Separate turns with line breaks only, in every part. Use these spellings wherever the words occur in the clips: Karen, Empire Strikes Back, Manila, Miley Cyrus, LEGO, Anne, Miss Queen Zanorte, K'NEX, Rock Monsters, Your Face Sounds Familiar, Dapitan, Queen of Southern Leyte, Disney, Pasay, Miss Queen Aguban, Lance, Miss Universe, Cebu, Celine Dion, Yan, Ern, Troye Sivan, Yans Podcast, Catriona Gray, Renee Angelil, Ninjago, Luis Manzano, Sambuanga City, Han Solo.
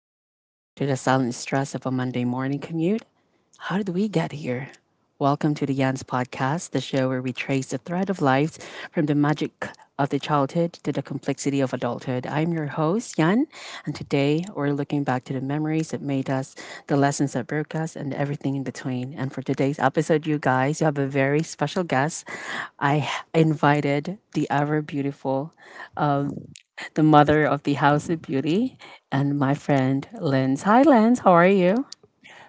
the playground to the silent stress of a Monday morning commute, how did we get here? Welcome to the Yans Podcast, the show where we trace the thread of lives from the magic of the childhood to the complexity of adulthood. I'm your host, Yan, and today we're looking back to the memories that made us, the lessons that broke us, and everything in between. And for today's episode, you guys, you have a very special guest. I invited the ever beautiful um, the mother of the House of Beauty, and my friend Lens. Hi, Lens. How are you?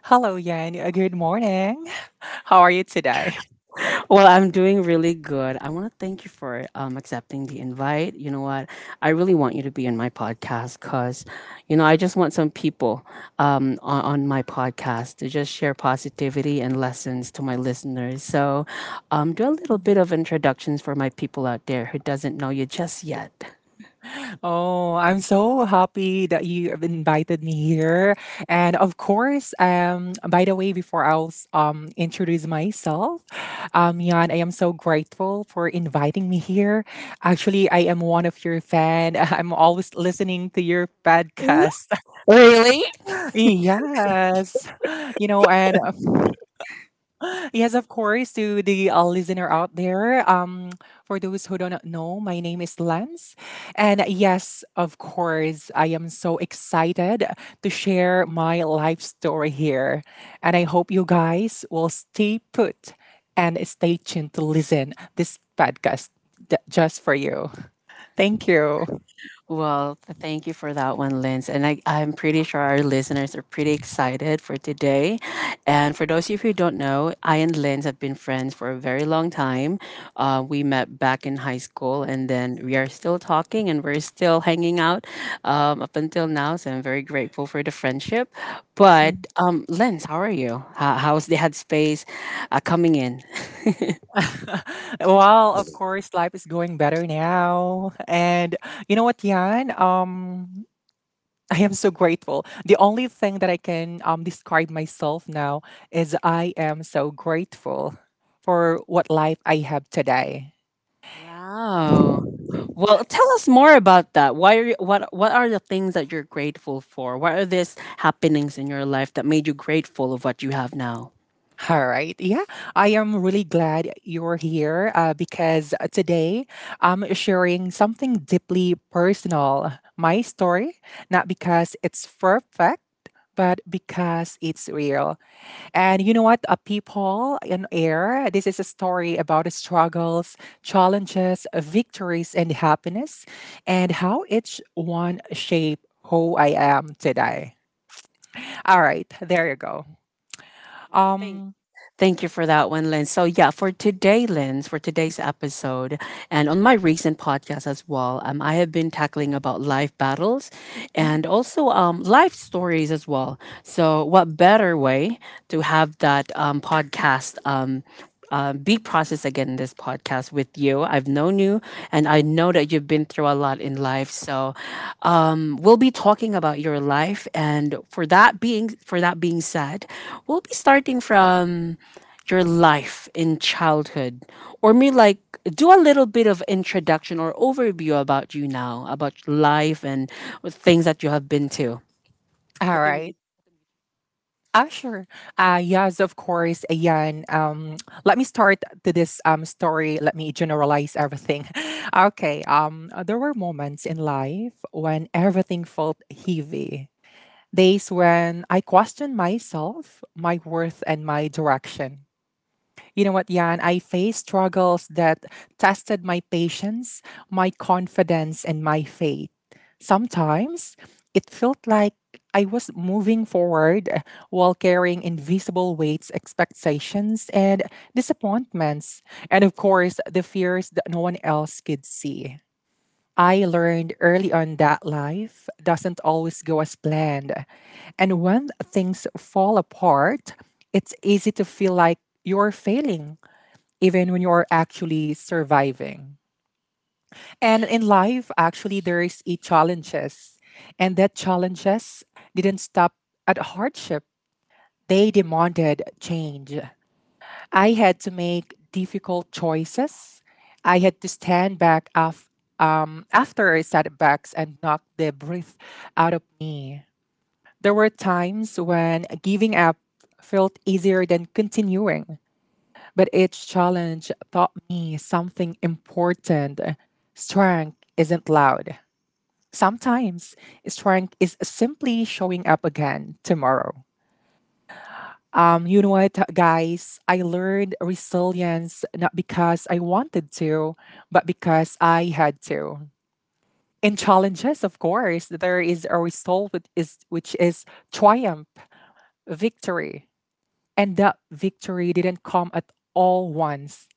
Hello, Yan. Good morning. How are you today?
Well, I'm doing really good. I want to thank you for accepting the invite. You know what? I really want you to be in my podcast because, you know, I just want some people on my podcast to just share positivity and lessons to my listeners. So, do a little bit of introductions for my people out there who doesn't know you just yet.
Oh, I'm so happy that you have invited me here. And of course, by the way, before I was introduce myself, Yan, I am so grateful for inviting me here. Actually, I am one of your fan. I'm always listening to your
Ooh,
podcast.
really?
Yes, you know, and yes, of course, to the listener out there. For those who don't know, my name is Lance. And yes, of course, I am so excited to share my life story here. And I hope you guys will stay put and stay tuned to listen this podcast just for you. Thank you.
Well, thank you for that one, Linz. And I'm pretty sure our listeners are pretty excited for today. And for those of you who don't know, I and Linz have been friends for a very long time. We met back in high school, and then we are still talking and we're still hanging out up until now. So I'm very grateful for the friendship. But
Mm.
Linz, how are you? How's the headspace coming in?
Well, of course, life is going better now. And you know what, Yan? I am so grateful. The only thing that I can describe myself now is I am so grateful for what life I have today.
Wow. Well, tell us more about that. Why are you, what are the things that you're grateful for? What are these happenings in your life that made you grateful of what you have now?
All right. Yeah. I am really glad you're here because today I'm sharing something deeply personal my story, not because it's perfect, but because it's real. And you know what? A people in air, this is a story about the struggles, challenges, victories, and happiness, and how each one shape who I am today. All right, there you go.
All right,
Um,
thank you for that one, Lynn. So, yeah, for today, Lynn, for today's episode, and on my recent podcast as well, I have been tackling about life battles and also life stories as well. So, what better way to have that podcast be processed again in this podcast with you. I've known you, and I know that you've been through a lot in life. So, we'll be talking about your life, and for that being said, we'll be starting from your life in childhood or me like do a little bit of introduction or overview about you now about life and things that you have been to.
all right. Ah, sure. Yes, of course. Ayan. Let me start to this story. Let me generalize everything. Okay. There were moments in life when everything felt heavy. Days when I questioned myself, my worth, and my direction. You know what, Jan? I faced struggles that tested my patience, my confidence, and my faith. Sometimes it felt like I was moving forward while carrying invisible weights, expectations, and disappointments. And of course, the fears that no one else could see. I learned early on that life doesn't always go as planned. And when things fall apart, it's easy to feel like you're failing, even when you're actually surviving. And in life, actually, there is a challenges. And that challenges didn't stop at hardship. They demanded change. I had to make difficult choices. I had to stand back after I sat back and knocked the breath out of me. There were times when giving up felt easier than continuing, but each challenge taught me something important. Strength isn't loud. Sometimes strength is simply showing up again tomorrow. You know what, guys? I learned resilience not because I wanted to, but because I had to. In challenges, of course, there is a result which is triumph, victory. And that victory didn't come at all once.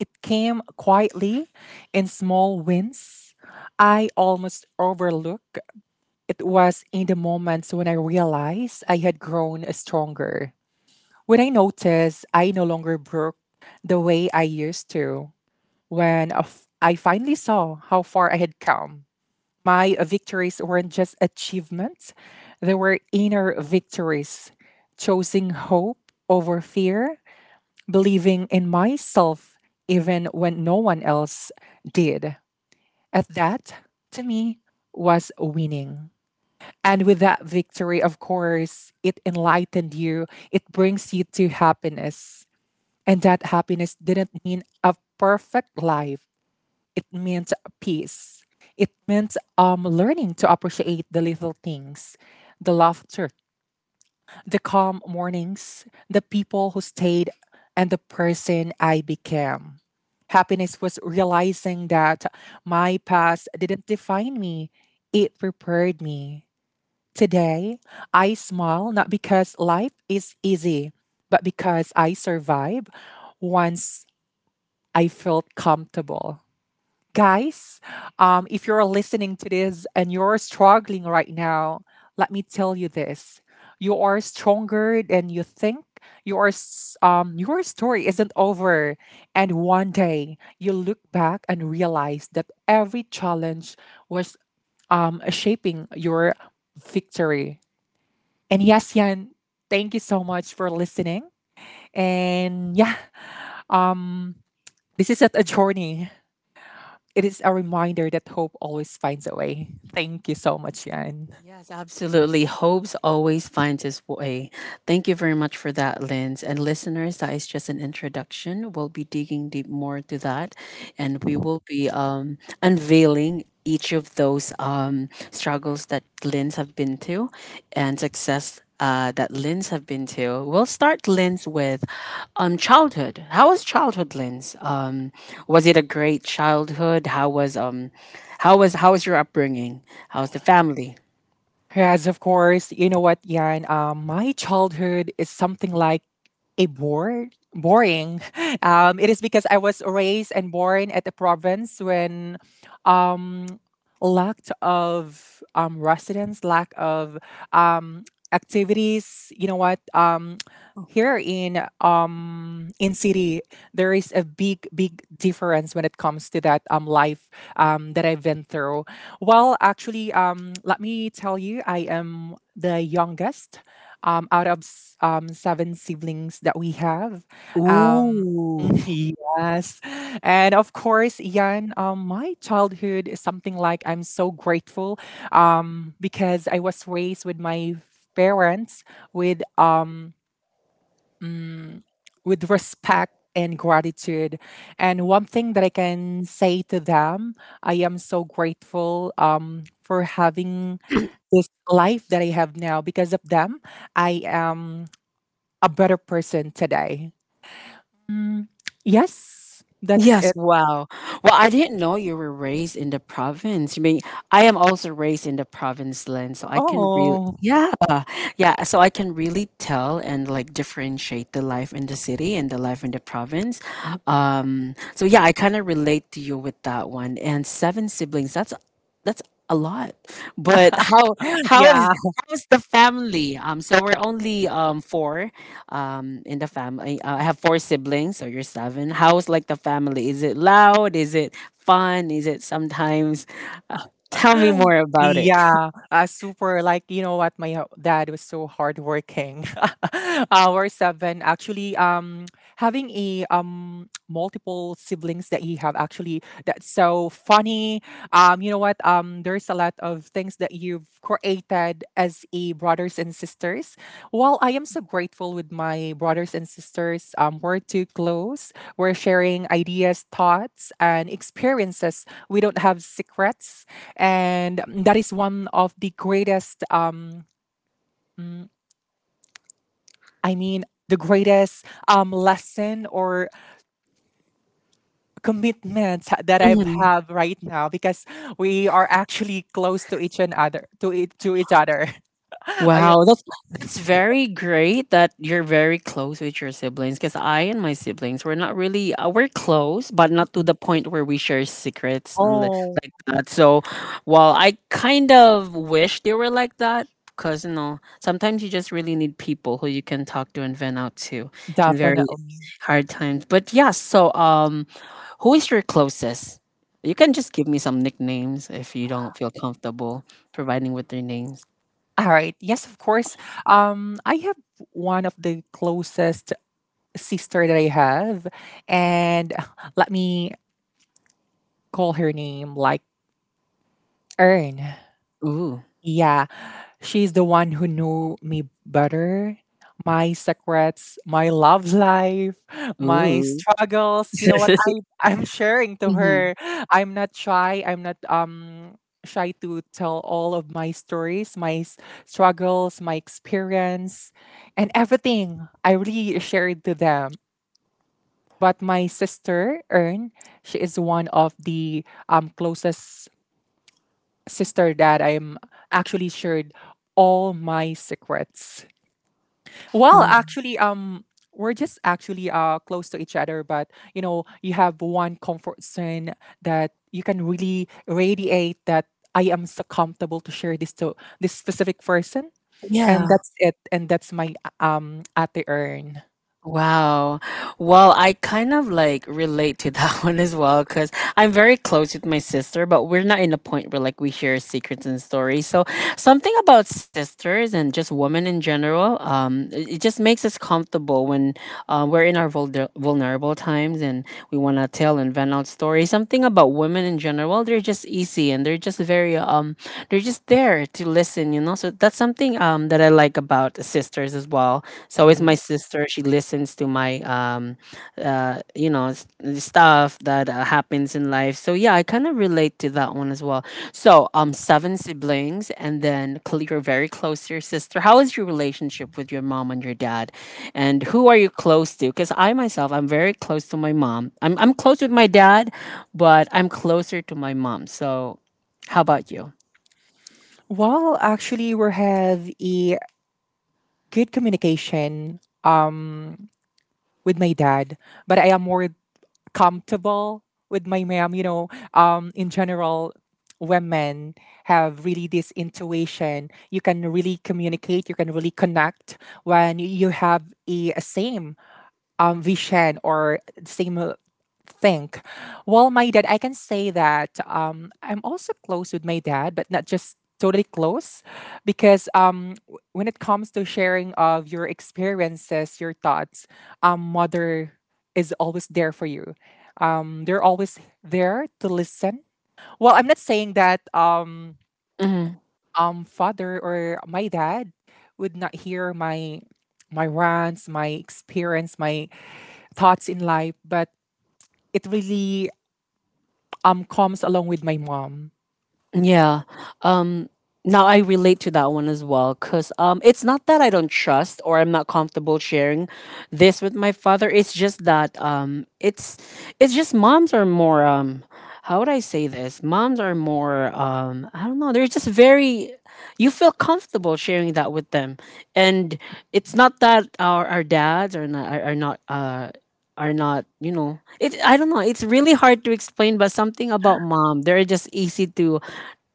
It came quietly in small wins. I almost overlooked. It was in the moments when I realized I had grown stronger. When I noticed I no longer broke the way I used to, when I finally saw how far I had come, my victories weren't just achievements, they were inner victories, choosing hope over fear, believing in myself even when no one else did. At that, to me, was winning. And with that victory, of course, it enlightened you, it brings you to happiness and that happiness didn't mean a perfect life. It meant peace. It meant learning to appreciate the little things, the laughter, the calm mornings, the people who stayed, and the person I became. Happiness was realizing that my past didn't define me, it prepared me. Today, I smile not because life is easy, but because I survive once I felt comfortable. Guys, if you're listening to this and you're struggling right now, let me tell you this. You are stronger than you think. Your your story isn't over and one day you look back and realize that every challenge was shaping your victory. And yes, Yan, thank you so much for listening. And yeah, um this is a journey, it is a reminder that hope always finds a way. Thank you so much, Yan.
Yes, absolutely. Hopes always finds its way. Thank you very much for that, Linz. And listeners, that is just an introduction. We'll be digging deep more to that, and we will be unveiling each of those struggles that Linz have been to, and success that Linz have been to. We'll start Linz with childhood. How was childhood, Linz? Was it a great childhood? How was how was your upbringing? How's the family?
Yes, of course. You know what, Yan? My childhood is something like a boring. It is because I was raised and born at the province when um, lack of residents, lack of um, activities. You know what? Here in city there is a big difference when it comes to that life that I've been through. Well, actually, let me tell you, I am the youngest, out of seven siblings that we have. Um,
Ooh.
yes. And of course, Yan, my childhood is something like I'm so grateful because I was raised with my parents with mm, with respect and gratitude. And one thing that I can say to them, I am so grateful for having this life that I have now. Because of them, I am a better person today. Mm, yes, that's
Yes,
it.
wow. Well, I didn't know you were raised in the province. I mean, I am also raised in the province land, so I can really,
Oh,
yeah, yeah, so I can really tell and like differentiate the life in the city and the life in the province. So yeah, I kind of relate to you with that one. And seven siblings, that's that's a lot. But how is
yeah.
how's the family? So we're only four in the family. I have four siblings, so you're seven. How's like the family? Is it loud? Is it fun? Is it sometimes? Uh, Tell me more about it.
Yeah, super. Like, you know what? My dad was so hardworking. Our seven actually having a multiple siblings that he have actually that's so funny. You know what? There's a lot of things that you've created as a brothers and sisters. Well, I am so grateful with my brothers and sisters. We're too close. We're sharing ideas, thoughts, and experiences. We don't have secrets and that is one of the greatest mm, the greatest lesson or commitment that I've have right now because we are actually close to each and other to it to each other. I,
Wow, that's very great that you're very close with your siblings. Because I and my siblings were not really we're close, but not to the point where we share secrets and
oh,
like that. So, while I kind of wish they were like that, because you know sometimes you just really need people who you can talk to and vent out to in very
definitely.
hard times. But yeah, so who is your closest? You can just give me some nicknames if you don't feel comfortable providing with their names.
All right. Yes, of course. I have one of the closest sister that I have, and let me call her name like Earn.
Ooh.
Yeah, she's the one who knew me better, my secrets, my love life, my
Ooh.
struggles. You know what I I'm sharing to
Mhm.
her. I'm not shy. I'm not shy to tell all of my stories, struggles, my experience, and everything. I really shared to them. But my sister Ern, she is one of the closest sister that I'm actually shared all my secrets. Well,
Wow.
actually, we're just actually close to each other, but you know, you have one comfort zone that you can really radiate that I am so comfortable to share this to this specific person, and
Yeah.
that's it, and that's my at the urn.
Wow. Well, I kind of like relate to that one as well because I'm very close with my sister, but we're not in a point where like we share secrets and stories. So something about sisters and just women in general, it just makes us comfortable when we're in our vulnerable times and we want to tell and vent out stories. Something about women in general, they're just easy and they're just very they're just there to listen, you know. So that's something that I like about sisters as well. So is my
Mm.
sister. She listens to my you know stuff that happens in life. So yeah, I kind of relate to that one as well. So seven siblings, and then you're very close to your sister. How is your relationship with your mom and your dad, and who are you close to? Because I myself, I'm very close to my mom. I'm close with my dad, but I'm closer to my mom. So how about you?
Well, actually, we have a good communication with my dad, but I am more comfortable with my mom. You know, in general, women have really this intuition. You can really communicate. You can really connect when you have a same vision or same think? Well, my dad, I can say that I'm also close with my dad, but not just totally close because when it comes to sharing of your experiences, your thoughts, mother is always there for you. They're always there to listen. Well, I'm not saying that
Mm-hmm.
father or my dad would not hear my rants, my experience, my thoughts in life, but it really comes along with my mom.
Yeah. Um Now I relate to that one as well, cuz it's not that I don't trust or I'm not comfortable sharing this with my father. It's just that it's just moms are more how would I say this? Moms are more I don't know. They're just very you feel comfortable sharing that with them. And it's not that our dads are not you know it I don't know, it's really hard to explain. But something about mom, they're just easy to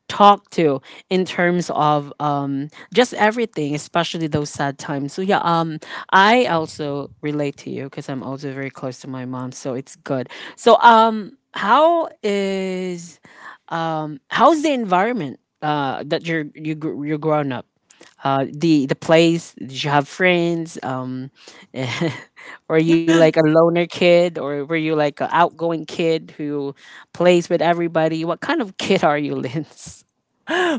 talk to in terms of just everything, especially those sad times. So yeah, I also relate to you because I'm also very close to my mom, so it's good. So how's the environment that you're growing up, the place? Did you have friends? Were you like a loner kid, or were you like an outgoing kid who plays with everybody? What kind of kid are you, Linz?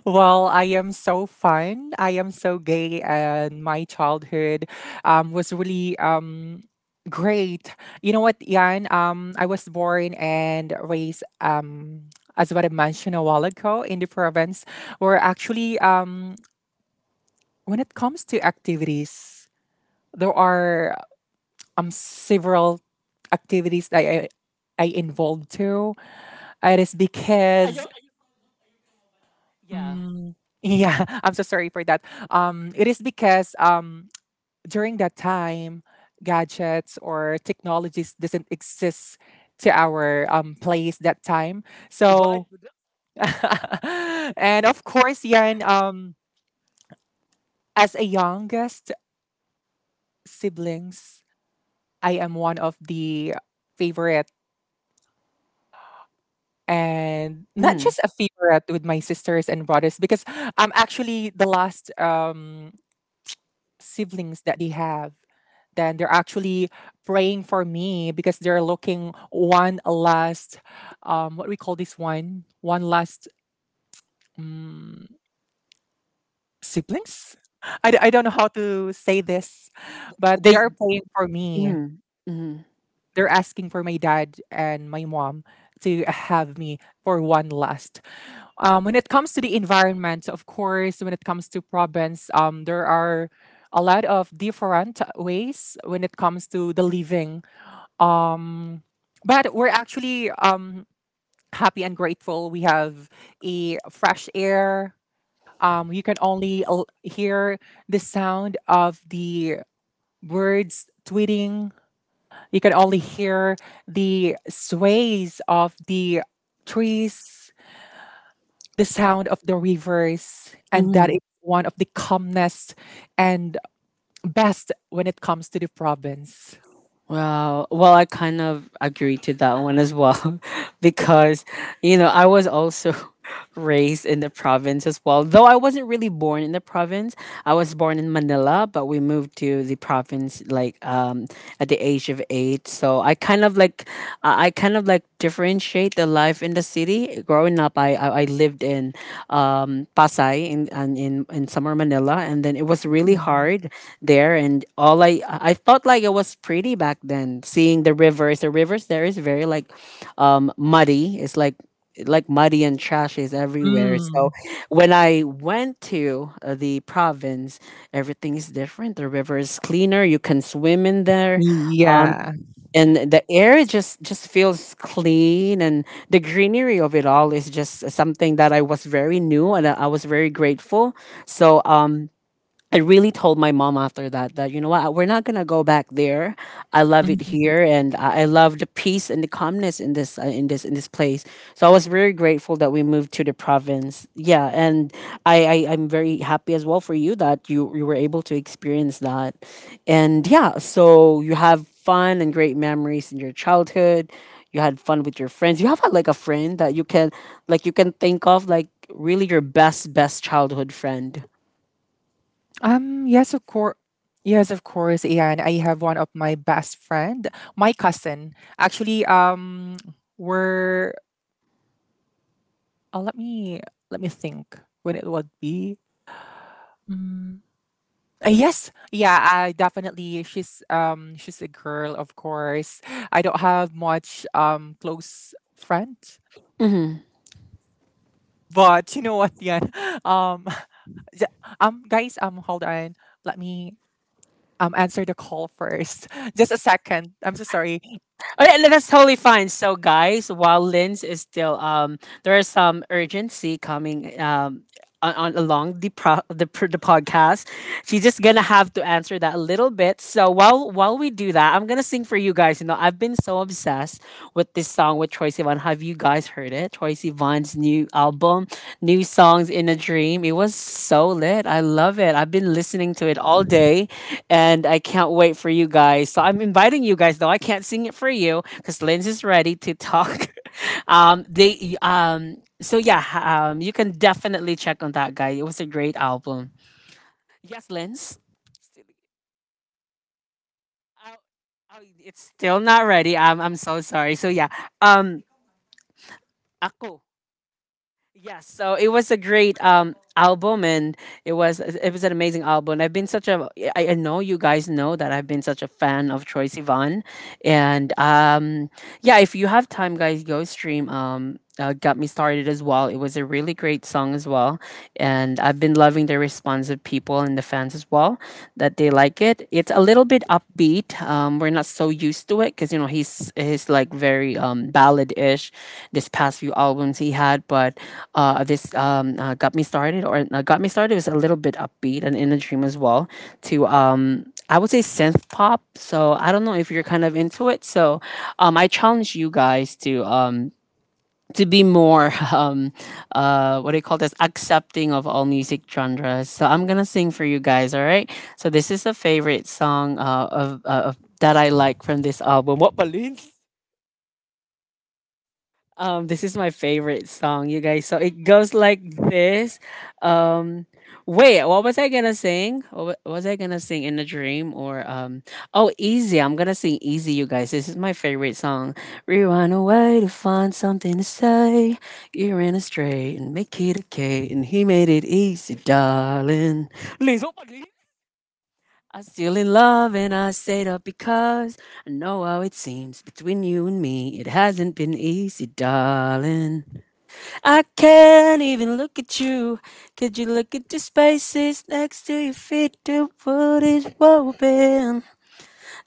Well, I am so fun. I am so gay, and my childhood was really great. You know what, Yan? I was born and raised, as what I mentioned a while ago, in the province, where actually, when it comes to activities, there are several activities that I involved to. It is
I
because
don't. Yeah.
mm, yeah, I'm so sorry for that. It is because during that time, gadgets or technologies doesn't exist to our place that time.
Provide.
So, and of course, Yan, as a youngest siblings, I am one of the favorite and not
Mhm.
just a favorite with my sisters and brothers because I'm actually the last siblings that they have. Then they're actually praying for me because they're looking one last, what we call this one, one last, um, siblings. I don't know how to say this, but
They.
they're praying for me.
Mhm, mhm,
They're asking for my dad and my mom to have me for one last. When it comes to the environment, of course, when it comes to province, there are a lot of different ways when it comes to the living. Um, but we're actually happy and grateful. We have a fresh air. You can only hear the sound of the birds tweeting. You can only hear the sways of the trees, the sound of the rivers, and that is
mhm.
one of the calmness and best when it comes to the province.
Wow. Well, I kind of agree to that one as well, because you know, I was also raised in the province as well. Though I wasn't really born in the province. I was born in Manila, but we moved to the province like at the age of 8. So I kind of like differentiate the life in the city. Growing up, I lived in Pasay in and in summer Manila, and then it was really
Mm.
hard there. And all I thought like it was pretty back then, seeing the rivers. The rivers there is very like muddy. It's like muddy and trashes everywhere. So
Mm.
when I went to the province, everything is different. The river is cleaner. You can swim in there,
Yeah.
and the air just feels clean. And the greenery of it all is just something that I was very new, and I was very grateful. So I really told my mom after that that you know what, we're not gonna go back there. I love it
Mhm.
here, and I love the peace and the calmness in this in this place. So I was very grateful that we moved to the province. Yeah, and I I'm very happy as well for you that you were able to experience that, and yeah. So you have fun and great memories in your childhood. You had fun with your friends. You have had like a friend that you can like you can think of like really your best best childhood friend.
Yes, of course. Yes, of course. And I have one of my best friend, my cousin. Actually, we're. Uh, let me let me think when it would be. Mm. Yes, yeah, I definitely. She's a girl, of course. I don't have much close friend, but you know what, Yan? Um, j- guys, hold on. Let me answer the call first. Just a second. I'm so sorry.
Oh, yeah, no, that's totally fine. So, guys, while Linz is still, there is some urgency coming on along the pro- the pr- the podcast. She's just gonna have to answer that a little bit. So, while we do that, I'm gonna sing for you guys. You know, I've been so obsessed with this song with Troye Sivan. Have you guys heard it? Troye Sivan's new album, new songs in a dream. It was so lit. I love it. I've been listening to it all day, and I can't wait for you guys. So I'm inviting you guys, though I can't sing it for you because Linz is ready to talk. They So yeah, you can definitely check on that guy. It was a great album. Yes, Linz. Still- Oh, oh, it's still not ready. I'm so sorry. So yeah, um, ako. Yes, so it was a great album and it was an amazing album. I've been such a I know you guys know that I've been such a fan of Troye Sivan and yeah, if you have time guys go stream got me started as well. It was a really great song as well, and I've been loving the response of people and the fans as well, that they like it. It's a little bit upbeat. We're not so used to it because you know he's like very ballad ish. This past few albums he had, but this got me started or got me started was a little bit upbeat and in a dream as well. To I would say synth pop. So I don't know if you're kind of into it. So I challenge you guys to be more what do you call this, accepting of all music genres. So I'm gonna sing for you guys. All right, so this is a favorite song of that I like from this album, what balloons. This is my favorite song, you guys. So it goes like this. Um, Wait, what was I gonna sing? Was I gonna sing in a dream or? Oh, easy. I'm gonna sing easy, you guys. This is my favorite song. We run away to find something to say. You ran astray and make it okay, and he made it easy, darling. Liz, oh, I'm still in love and I stayed up because I know how it seems between you and me. It hasn't been easy, darling. I can't even look at you. Could you look at the spaces next to your feet? The world is woven.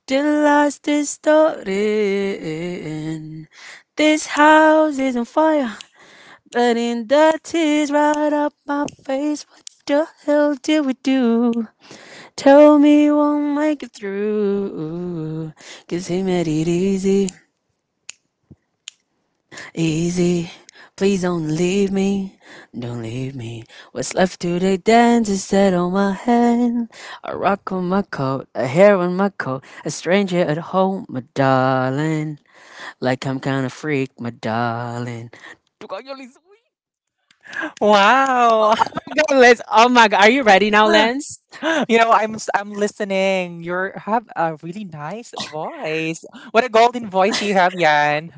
The last is starting. This house is on fire, burning the tears right up my face. What the hell did we do? Tell me you won't make it through. Cause he made it easy, easy. Please don't leave me, don't leave me. What's left today dance is set on my hand. A rock on my coat, a hair on my coat. A stranger at home, my darling. Like I'm kinda freak, my darling. Tu coño, Liz-
Wow,
Oh my god, Lance. Oh my god, are you ready now, Lance?
you know I'm listening. You are have a really nice voice. What a golden voice you have, Yan.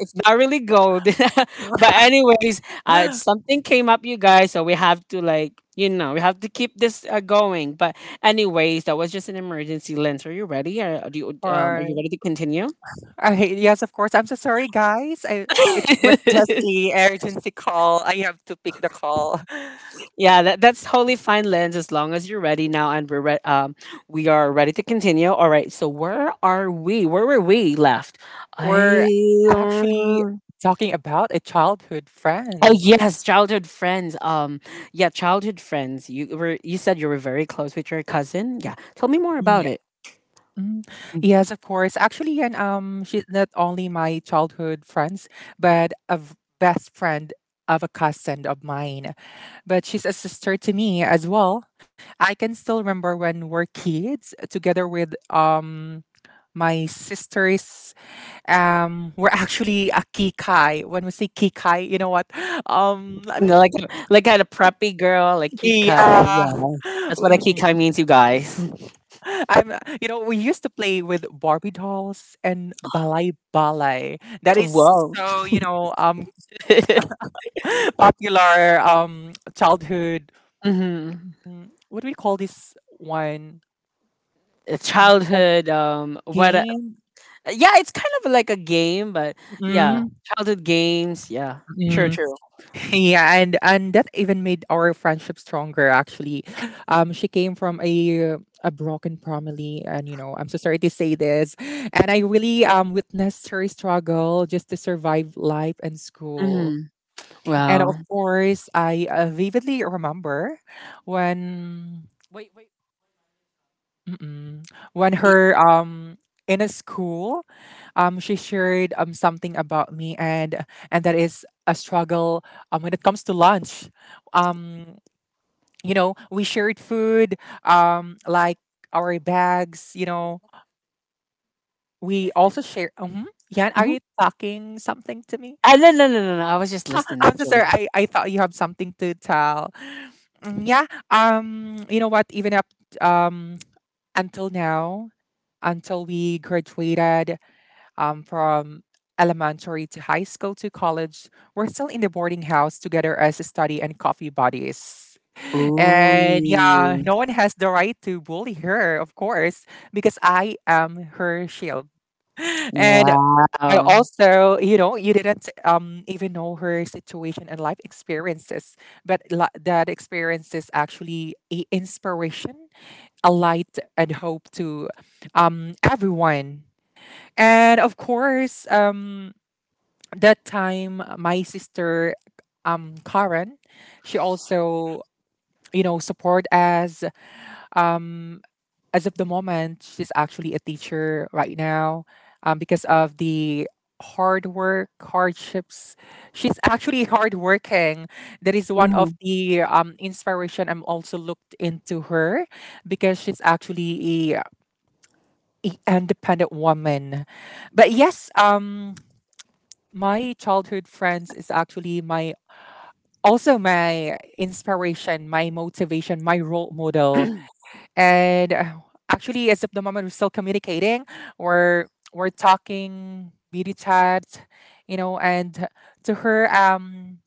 It's not really gold. But anyways, it's- something came up, you guys, so we have to like, you know, we have to keep this going. But anyways, that was just an emergency, lens. Are you ready? Are, do you are you
All.
ready to continue?
Okay, yes, of course. I'm so sorry, guys. I it was just a urgency call. I have to pick the call.
Yeah, that's totally fine, lens. As long as you're ready now, and we are ready to continue. All right. So where are we? Where were we left? I
We're actually
uh,
talking about a childhood
Oh
friends.
yes, childhood friends. Yeah, childhood friends. You said you were very close with your cousin. Yeah, tell me more
Mm,
about
yeah.
it.
Mm, yes, of course. Actually, and she's not only my childhood friends, but a best friend of a cousin of mine. But she's a sister to me as well. I can still remember when we're kids together with my sister's. We're actually a kikai. When we say kikai, you know what? Let
You know,
me.
like kind of preppy girl, like Kikai.
Yeah.
Yeah, that's what a
Mm.
Kikai means, you guys.
I'm, you know, we used to play with Barbie dolls and balai balai. That is
Whoa.
so, you know, popular childhood.
hmm
Mm, what do we call this one? Called
Childhood. What
game.
yeah, it's kind of like a game, but yeah,
Mm-hmm.
childhood games. Yeah, true, true.
Yeah, and that even made our friendship stronger. Actually, she came from a broken family, and you know, I'm so sorry to say this, and I really witnessed her struggle just to survive life and school.
Mm,
And of
wow.
course, I vividly remember when,
Wait, wait.
mm-mm, when
y-
her in a school she shared something about me, and that is a struggle when it comes to lunch. Um, you know we shared food like our bags you
Like,
know
what-
we
yes,
also
Lens.
share yeah, are
Mm-hmm.
you talking something to me?
Ah, no, no, no, no, no. I was just listening,
I'm so
actually.
sorry, I thought you have something to tell. Mm, yeah, you know what, even up um until now, until we graduated from elementary to high school to college, we're still in the boarding house together as study and coffee buddies. And yeah,
Ooh.
no one has the right to bully her, of course, because I am her shield. And I
Wow.
also, you know, you didn't even know her situation and life experiences, but that experience is actually a inspiration, a light, and hope to everyone, and of course, that time my sister, Karen, she also you know support us. Um, as of the moment, she's actually a teacher right now, because of the hard work hardships. She's actually hardworking. That is one of
hmm
the inspiration. I'm also looked into her because she's actually a independent woman. But yes, my childhood friends is actually my also my inspiration, my motivation, my role model. And actually, as of the moment, we're still communicating. We're talking video chat, you know. And to her,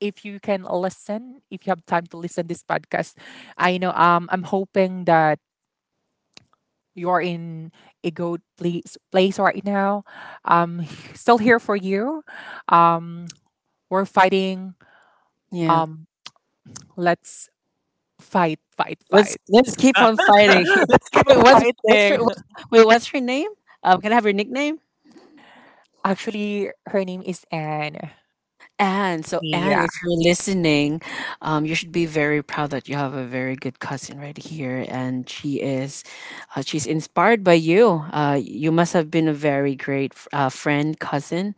if you can listen, if you have time to listen this podcast, I know, I'm hoping that you're in a good place right now. Um, still here for you. Um, we're fighting.
Yeah.
Um, let's fight, fight,
Let's
fight.
keep on fighting.
Let's keep
Wait,
on
what's your
fighting.
what, wait? What's your name? Can I have your nickname?
Actually, her name is Anne.
Anne, so Anne,
Yeah.
if you're listening, you should be very proud that you have a very good cousin right here, and she is, she's inspired by you. You must have been a very great friend, cousin,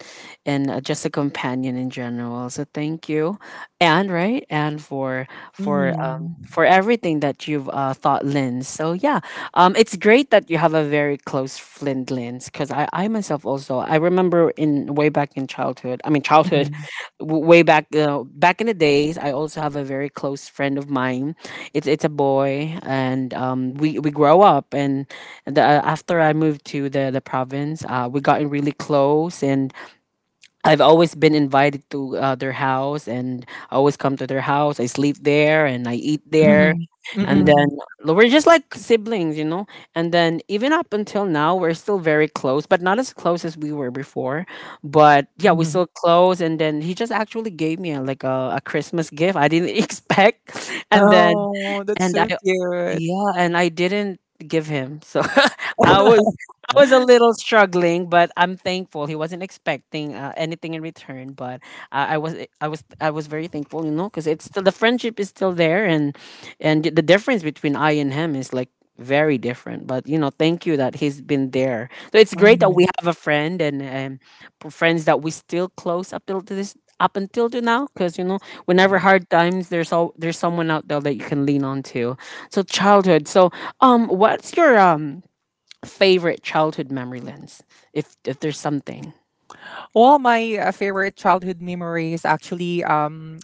and just a companion in general. So thank you, Anne, right, Anne, for
Mm.
for everything that you've thought, Lynn. So yeah, it's great that you have a very close friend, Lynn, because I myself also I remember in way back in childhood. I mean childhood
Mm-mm.
way back, you know, back in the days, I also have a very close friend of mine. It's a boy, and we grow up, and after I moved to the province, we gotten really close, and I've always been invited to their house, and I always come to their house. I sleep there and I eat there,
Mm-mm.
and then
Mm-mm.
we're just like siblings, you know. And then even up until now, we're still very close, but not as close as we were before. But yeah, we
Mm-mm.
still close. And then he just actually gave me a, like a Christmas gift I didn't expect, and then
Oh, that's
and I
so cute.
yeah, and I didn't give him. So I was I was a little struggling, but I'm thankful. He wasn't expecting anything in return, but I, I was I was very thankful, you know, because it's still the friendship is still there, and the difference between I and him is like very different. But you know, thank you that he's been there. So it's great that
Mhm.
we have a friend, and friends that we still close up till to this up until to now, because you know whenever hard times, there's someone out there that you can lean on to. So childhood. So what's your favorite childhood memory, lens? If there's something.
Well, my favorite childhood memory is actually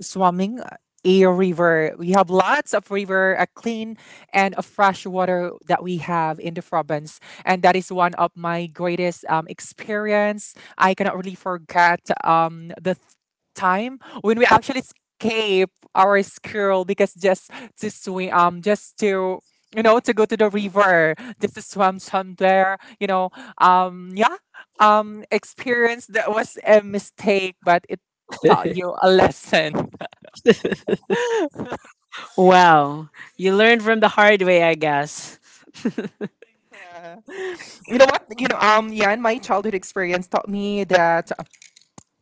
swimming a river. We have lots of river, a clean and a fresh water that we have in the province, and that is one of my greatest experience. I cannot really forget the time when we actually escape our school because just to swim, just to you know to go to the river just to swim somewhere you know. um yeah experience that was a mistake, but it taught you a lesson.
Wow, you learned from the hard way, I guess.
Yeah. You know what? You know, yeah, and my childhood experience taught me that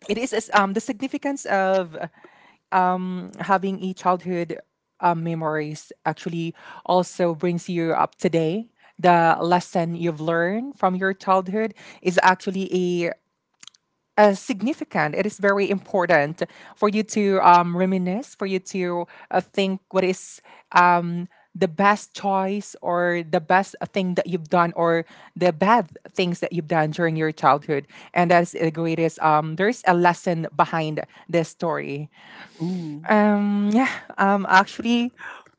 it is, the significance of having a childhood memories actually also brings you up today. The lesson you've learned from your childhood is actually a significant. It is very important for you to reminisce, for you to think what is um, the best choice or the best thing that you've done or the bad things that you've done during your childhood. And that's the greatest. There's a lesson behind this story.
Ooh.
Um, yeah, actually,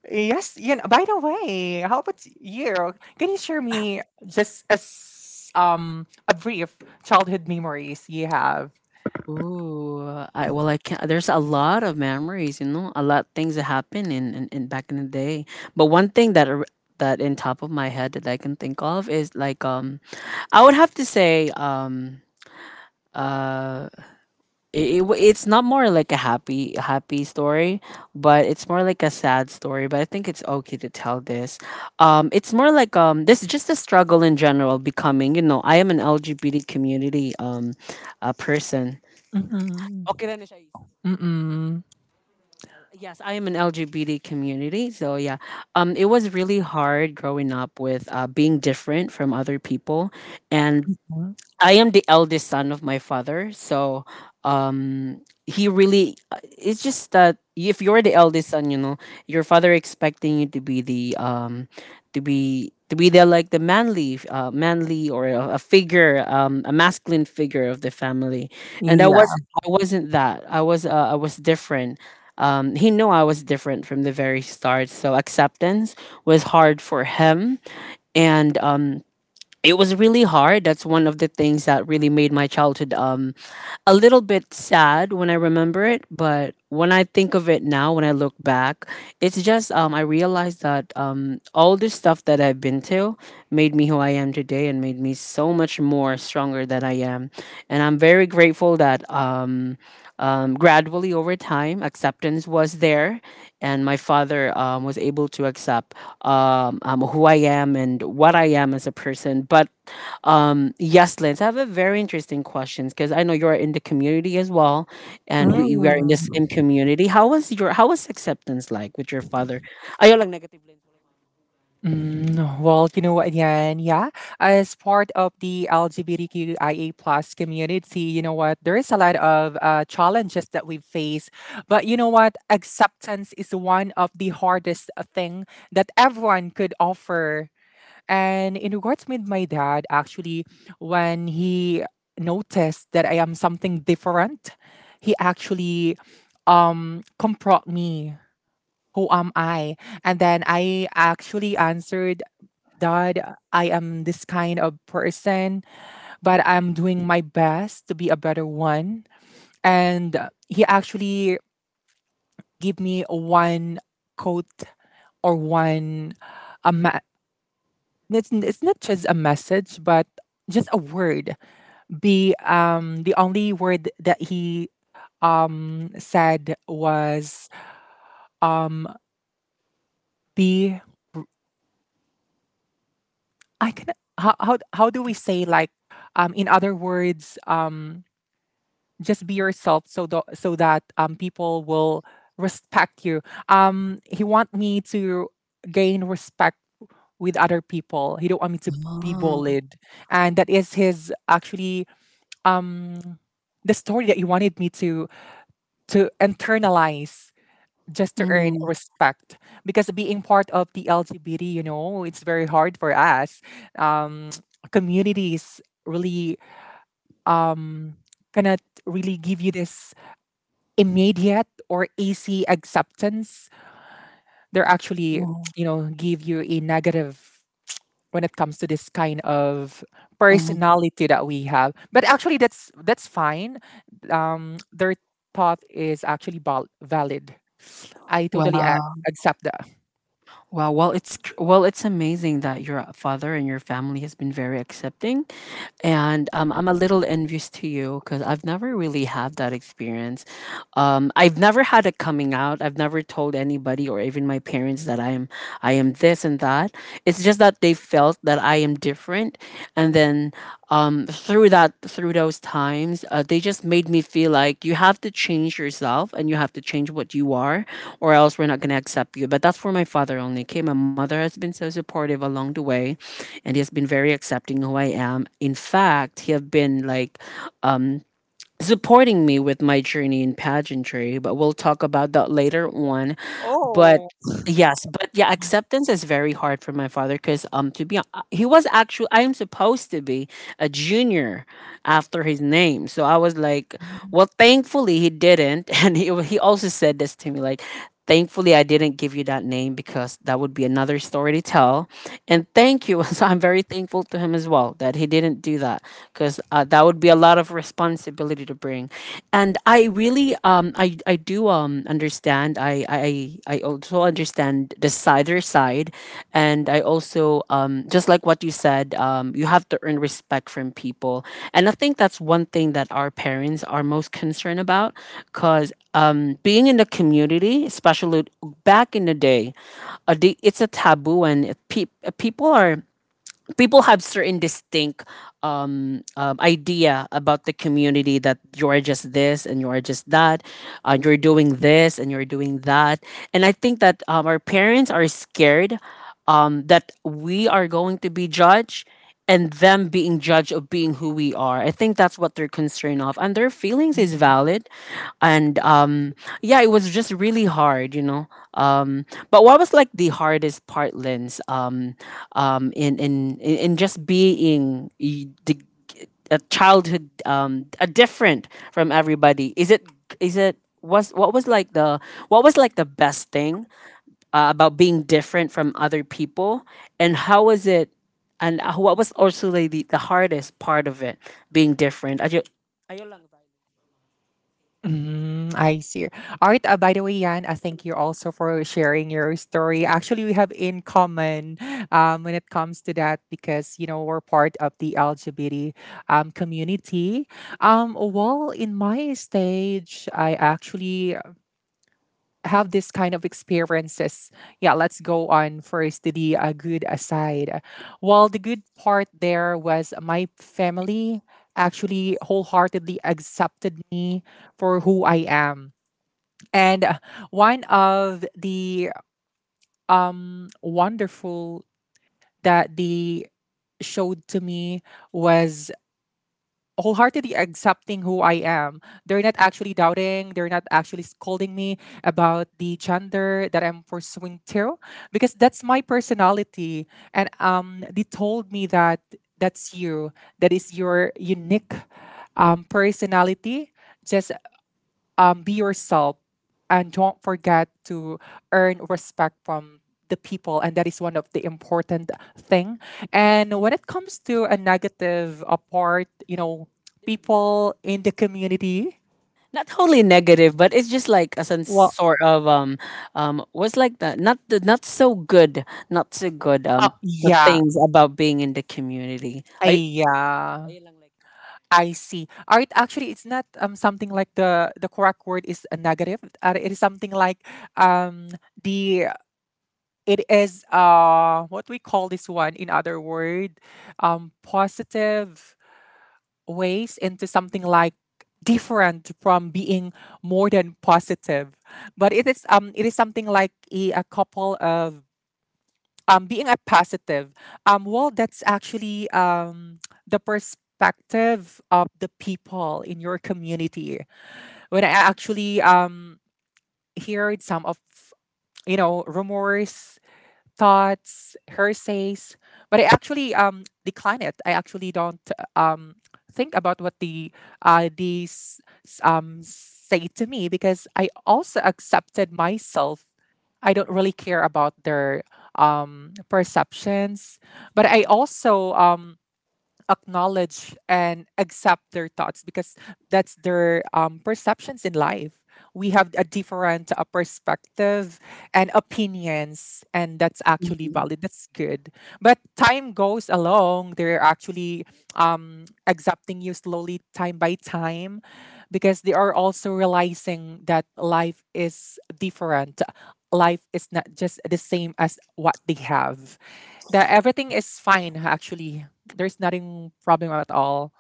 yes. You know, by the way, how about you? Can you share me just a brief childhood memories you have?
Ooh, I well, I can't. There's a lot of memories, you know, a lot of things that happened in back in the day. But one thing that that in top of my head that I can think of is like I would have to say uh. it, it's not more like a happy happy story, but it's more like a sad story, but I think it's okay to tell this. It's more like this is just a struggle in general, becoming, you know, I am an LGBT community a person.
Mm,
Okay na na siya
mm.
yes, I am an LGBT community. So yeah, it was really hard growing up with being different from other people, and
Hmm,
I am the eldest son of my father, so um he really it's just that if you're the eldest son, you know, your father expecting you to be the to be the like the manly manly or a figure, a masculine figure of the family. And
yeah.
I wasn't that. I was different. He knew I was different from the very start, so acceptance was hard for him, and it was really hard. That's one of the things that really made my childhood a little bit sad when I remember it. But when I think of it now, when I look back, it's just I realized that all the stuff that I've been to made me who I am today, and made me so much more stronger than I am. And I'm very grateful that gradually over time acceptance was there, and my father was able to accept who I am and what I am as a person. But yes, Lance, I have a very interesting question because I know you're in the community as well, and we are in the same
Mm.
community. How was your how was acceptance like with your father? Ayaw lang negative Lance.
Mm, well, you know what, Yan? Yeah, as part of the LGBTQIA plus community, you know what? There is a lot of challenges that we face, but you know what? Acceptance is one of the hardest thing that everyone could offer. And in regards with my dad, actually, when he noticed that I am something different, he actually confront me. Who am I? And then I actually answered, Dad, I am this kind of person, but I'm doing my best to be a better one. And he actually gave me one quote or one a ma- it's not just a message, but just a word, the only word that he said was um be, I can, how do we say, like in other words, just be yourself so the, so that people will respect you. He want me to gain respect with other people. He don't want me to be
Oh.
bullied, and that is his actually um the story that he wanted me to internalize just to
Mm, mm,
earn
mm.
respect, because being part of the LGBT, you know, it's very hard for us, um communities really um cannot really give you this immediate or easy acceptance. They're actually you know give you a negative when it comes to this kind of personality that we have. But actually, that's fine. Their thought is actually valid. I totally
Wow.
accept that.
Wow. Well, it's amazing that your father and your family has been very accepting. And I'm a little envious to you because I've never really had that experience. I've never had it coming out. I've never told anybody or even my parents that I am this and that. It's just that they felt that I am different, and then through those times, they just made me feel like you have to change yourself and you have to change what you are, or else we're not gonna accept you. But that's for my father only. Okay, my mother has been so supportive along the way, and he has been very accepting who I am. In fact, he have been like um, supporting me with my journey in pageantry, but we'll talk about that later on. But
Oh.
yes, but yeah, acceptance is very hard for my father because to be he was actually I am supposed to be a junior after his name, so I was like, well, thankfully he didn't, and he also said this to me like. Thankfully, I didn't give you that name because that would be another story to tell. And thank you. So I'm very thankful to him as well that he didn't do that because that would be a lot of responsibility to bring. And I really I do understand. I also understand the other side, and I also just like what you said, you have to earn respect from people. And I think that's one thing that our parents are most concerned about cuz being in the community, especially back in the day, it's a taboo, and people are people have certain distinct idea about the community that you're just this and you're just that, you're doing this and you're doing that. And I think that our parents are scared that we are going to be judged, and them being judged of being who we are. I think that's what they're concerned of, and their feelings is valid. And yeah, it was just really hard, But what was like the hardest part, Lens? In just a childhood, a different from everybody? Is it was what was like the what was like the best thing about being different from other people, and how was it? And what was also like, the hardest part of it being different? Ayo lang,
Mm, I see. All right. By the way, Yan, I thank you also for sharing your story. Actually, we have in common when it comes to that because you know we're part of the LGBT community. Well, in my stage, I actually have this kind of experiences. Yeah, let's go on first to the good aside. Well, the good part there was my family actually wholeheartedly accepted me for who I am, and one of the wonderful that they showed to me was wholeheartedly accepting who I am. They're not actually doubting, they're not actually scolding me about the gender that I'm pursuing to because that's my personality. And they told me that that's you. That is your unique personality. Just be yourself and don't forget to earn respect from the people, and that is one of the important thing. And when it comes to a negative apart, you know,
ba,
people in the community,
not totally negative, but it's just like a
well
sort of um was like that, not the not so good, not so good, for
yeah.
things about being in the community.
I,
I
yeah, I see. All right, actually, it's not something like the correct word is a negative. It is something like um the it is what we call this one, in other word, positive ways into something like different from being more than positive, but it is something like a couple of being a positive. Well, that's actually the perspective of the people in your community. When I actually heard some of you know rumors, thoughts, her says, but I actually decline it. I actually don't um think about what the these say to me because I also accepted myself. I don't really care about their perceptions, but I also acknowledge and accept their thoughts because that's their perceptions in life. We have a different perspective and opinions, and that's actually valid. That's good. But time goes along; they're actually accepting you slowly, time by time, because they are also realizing that life is different. Life is not just the same as what they have, that everything is fine. Actually there's nothing problem at all.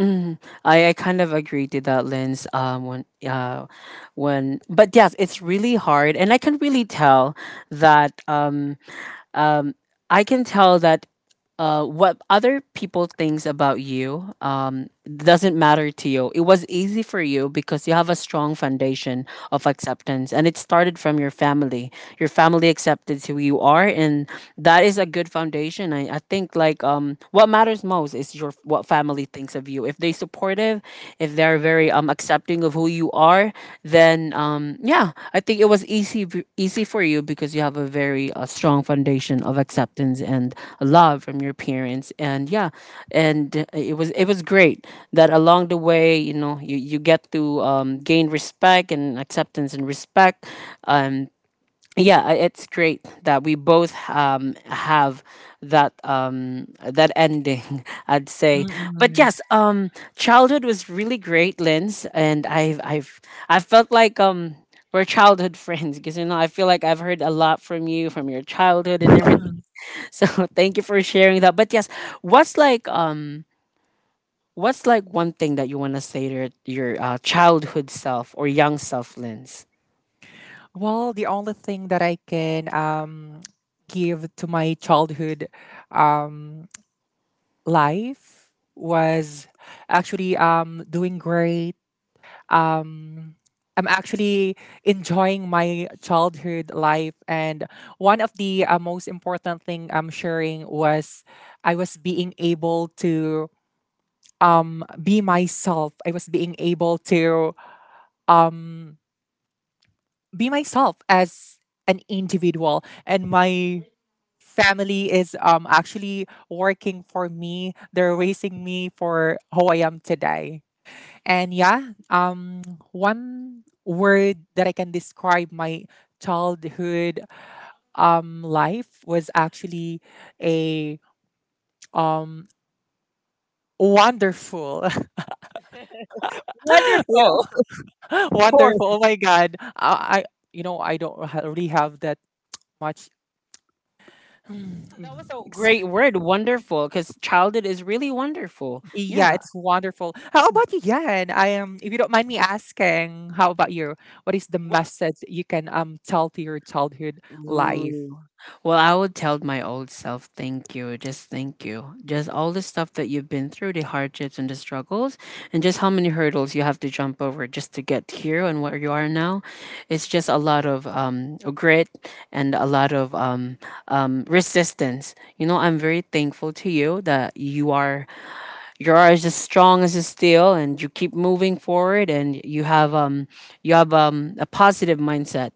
Mm, I kind of agree to that, Lens. But yes, it's really hard, and I can really tell that. Um, I can tell that what other people thinks about you doesn't matter to you. It was easy for you because you have a strong foundation of acceptance, and it started from your family. Your family accepted who you are, and that is a good foundation. I think like what matters most is your what family thinks of you. If they supportive, if they're very accepting of who you are, then yeah, I think it was easy easy for you because you have a very strong foundation of acceptance and love from your parents. And yeah, and it was great that along the way, you know, you get to gain respect and acceptance and respect. um it's great that we both have that that ending, I'd say. But
Mm-mm.
yes, childhood was really great, Linz, and I felt like we're childhood friends because you know I feel like I've heard a lot from you, from your childhood and everything.
Mm.
So thank you for sharing that. But yes, what's like um what's like one thing that you want to say to your childhood self or young self, Linz?
Well, the only thing that I can give to my childhood um, life was actually doing great. Um, I'm actually enjoying my childhood life, and one of the most important thing I'm sharing was I was being able to be myself. I was being able to um, be myself as an individual, and my family is actually working for me. They're raising me for who I am today. And yeah, one word that I can describe my childhood life was actually a um wonderful. You
Wonderful,
know,
of course.
wonderful. Oh my god, I you know I don't really have that much.
That was a
ex-
great word, wonderful, because childhood is really wonderful.
yeah,
Yeah.
it's wonderful. How about you, Yan? I am, if you don't mind me asking, how about you? What is the
Wha
message you can tell to your childhood life?
Ooh. Well, I would tell my old self, thank you. Just thank you. Just all the stuff that you've been through, the hardships and the struggles, and just how many hurdles you have to jump over just to get here and where you are now. It's just a lot of grit and a lot of resistance. You know, I'm very thankful to you that you are as strong as a steel, and you keep moving forward, and you have a positive mindset,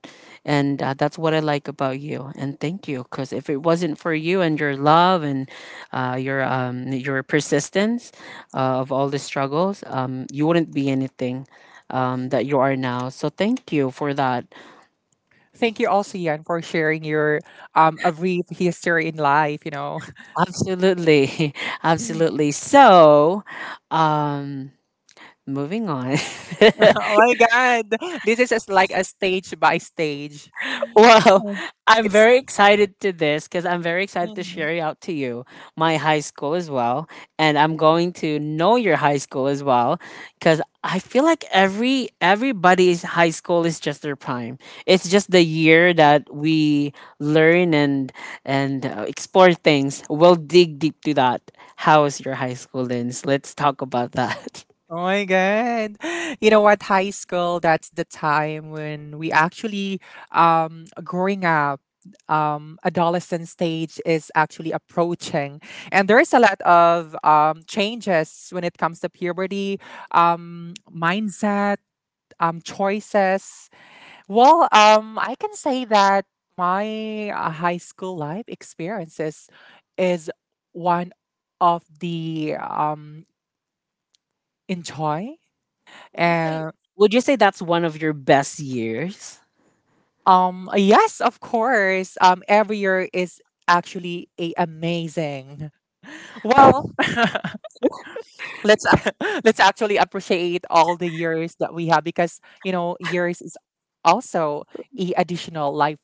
and that's what I like about you. And thank you, because if it wasn't for you and your love and your persistence of all the struggles, you wouldn't be anything that you are now. So thank you for that.
Thank you also, Yan, for sharing your a brief history in life.
Absolutely,
Oh
absolutely. So, um, moving on.
my god. This is as like a stage by stage.
Well,
Mm.
I'm
It's...
very excited to this because I'm very excited to share it out to you my high school as well, and I'm going to know your high school as well because I feel like everybody's high school is just their prime. It's just the year that we learn and explore things. We'll dig deep to that. How is your high school, Lens? Let's talk about that.
Oh my God. You know what? High school, that's the time when we actually, growing up, adolescent stage is actually approaching. And there's a lot of changes when it comes to puberty, mindset, choices. Well, I can say that my high school life experiences is one of the enjoy...
Would you say Would you say that's one of your best years?
Yes, of course. Every year is actually a amazing. Well, let's let's actually appreciate all the years that we have because years is also a additional life